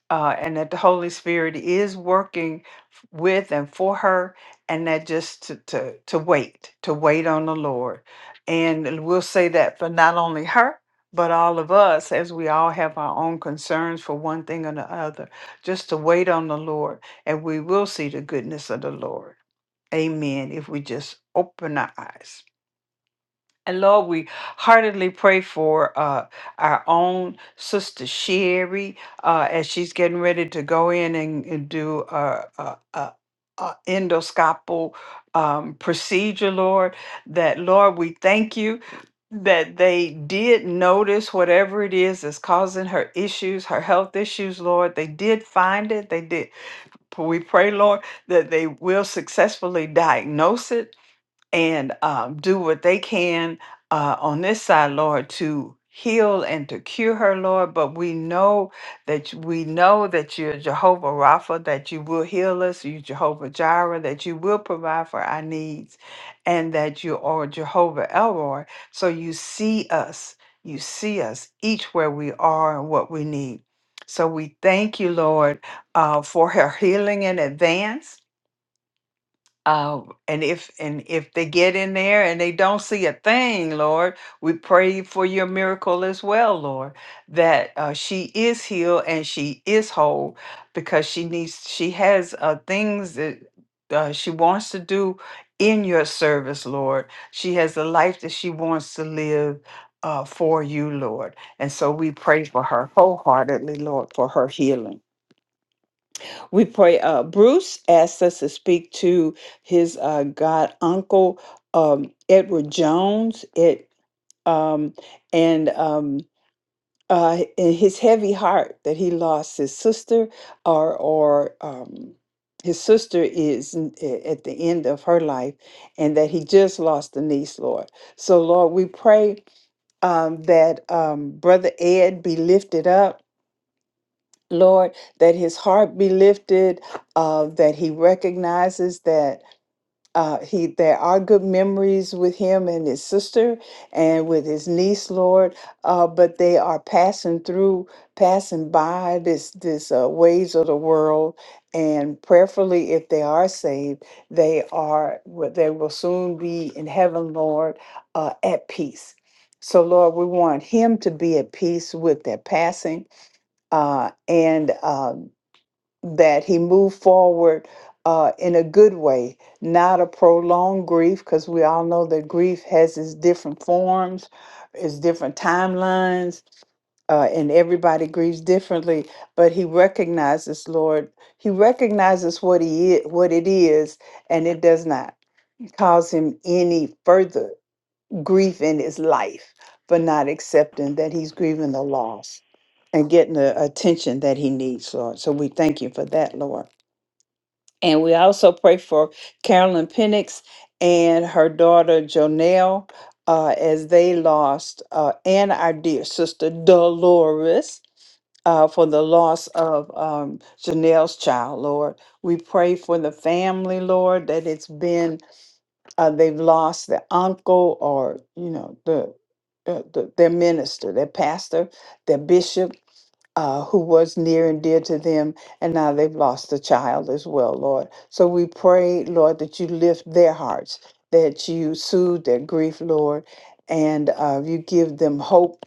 uh, and that the Holy Spirit is working f- with and for her, and that just to, to, to wait, to wait on the Lord. And we'll say that for not only her, but all of us, as we all have our own concerns for one thing or the other, just to wait on the Lord, and we will see the goodness of the Lord. Amen. If we just open our eyes. And Lord, we heartily pray for uh, our own sister Sherry uh, as she's getting ready to go in and, and do a, a, a, a endoscopal um, procedure, Lord. That, Lord, we thank you that they did notice whatever it is that's causing her issues, her health issues, Lord. They did find it. They did. We pray, Lord, that they will successfully diagnose it and um, do what they can uh, on this side, Lord, to heal and to cure her, Lord. But we know that you- we know that you're Jehovah Rapha, that you will heal us, you Jehovah Jireh, that you will provide for our needs, and that you are Jehovah Elroy. So you see us, you see us each where we are and what we need. So we thank you, Lord, uh, for her healing in advance. Uh, and if and if they get in there and they don't see a thing, Lord, we pray for your miracle as well, Lord, that uh, she is healed and she is whole because she needs she has uh, things that uh, she wants to do in your service, Lord. She has a life that she wants to live uh, for you, Lord, and so we pray for her wholeheartedly, Lord, for her healing. We pray. Uh, Bruce asked us to speak to his uh, god uncle um, Edward Jones. It um, and um, uh, in his heavy heart that he lost his sister, or or um, his sister is n- a- at the end of her life, and that he just lost a niece. Lord, so Lord, we pray um, that um, Brother Ed be lifted up Lord, that his heart be lifted, uh, that he recognizes that uh, he there are good memories with him and his sister and with his niece, Lord, uh, but they are passing through, passing by this this uh, ways of the world, and prayerfully, if they are saved, they are well, they will soon be in heaven, Lord, uh, at peace. So, Lord, we want him to be at peace with their passing uh, and um, that he moved forward uh, in a good way, not a prolonged grief, because we all know that grief has its different forms, its different timelines, uh, and everybody grieves differently. But he recognizes, Lord, he recognizes what he is, what it is, and it does not cause him any further grief in his life for not accepting that he's grieving the loss and getting the attention that he needs, Lord. So we thank you for that, Lord. And we also pray for Carolyn Penix and her daughter Jonelle uh, as they lost, uh, and our dear sister Dolores. Uh, for the loss of um, Janelle's child, Lord. We pray for the family, Lord, that it's been, uh, they've lost the uncle or, you know, the, uh, the their minister, their pastor, their bishop, uh, who was near and dear to them, and now they've lost a child as well, Lord. So we pray, Lord, that you lift their hearts, that you soothe their grief, Lord, and uh, you give them hope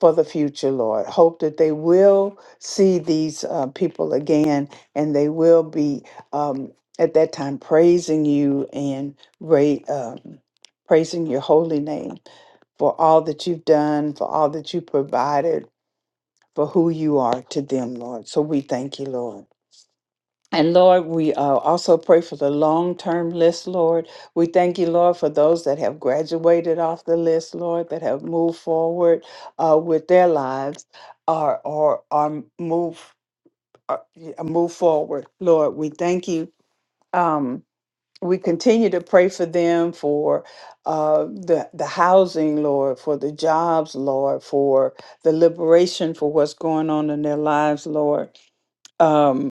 for the future, Lord. Hope that they will see these uh, people again, and they will be um, at that time praising you and ra- um, praising your holy name for all that you've done, for all that you provided for who you are to them, Lord. So we thank you, Lord. And Lord, we uh, also pray for the long term list, Lord. We thank you, Lord, for those that have graduated off the list, Lord, that have moved forward uh, with their lives or, or, or move, uh, move forward, Lord. We thank you. Um, we continue to pray for them for uh, the, the housing, Lord, for the jobs, Lord, for the liberation, for what's going on in their lives, Lord um,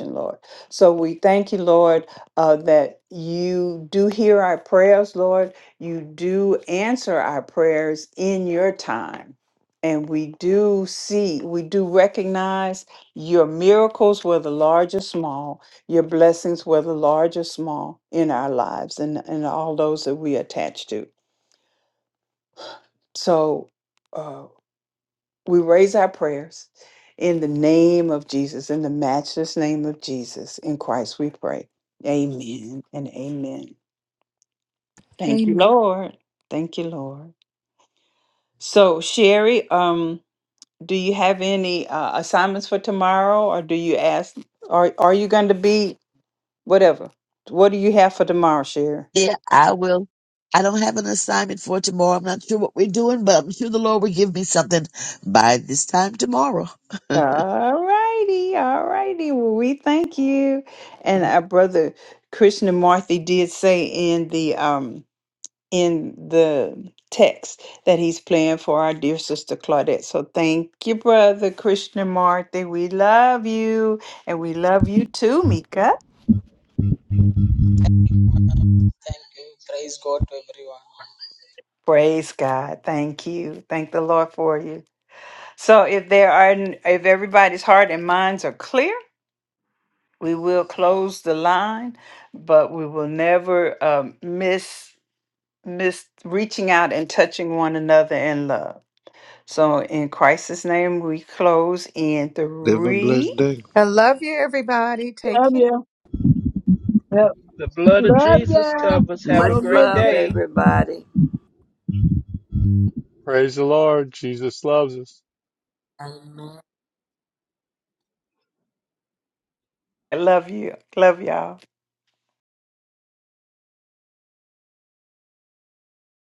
Lord. So we thank you, Lord, uh, that you do hear our prayers, Lord. You do answer our prayers in your time. And we do see, we do recognize your miracles, whether large or small, your blessings, whether large or small, in our lives and, and all those that we attach to. So, uh, We raise our prayers in the name of Jesus, in the matchless name of Jesus. In Christ we pray. Amen and amen. Thank you, Amen. Lord. Thank you, Lord. So, Sherry, um, do you have any uh, assignments for tomorrow, or do you ask? Are Are you going to be whatever? What do you have for tomorrow, Sherry? Yeah, I will. I don't have an assignment for tomorrow. I'm not sure what we're doing, but I'm sure the Lord will give me something by this time tomorrow. [laughs] All righty, all righty. Well, we thank you. And our brother Krishna Marthy did say in the um in the text that he's playing for our dear sister Claudette. So thank you, brother Krishnamurti. We love you and we love you too, Mika. Thank you. Praise God to everyone. Praise God. Thank you. Thank the Lord for you. So if there are if everybody's heart and minds are clear, we will close the line, but we will never um, miss miss reaching out and touching one another in love. So in Christ's name we close in Live a three blessed day. I love you, everybody. Take Love care. ya. Have- The blood of Love Jesus ya. covers. Have Have a much a great good day. love, day. everybody. Praise the Lord. Jesus loves us. I love you. Love y'all.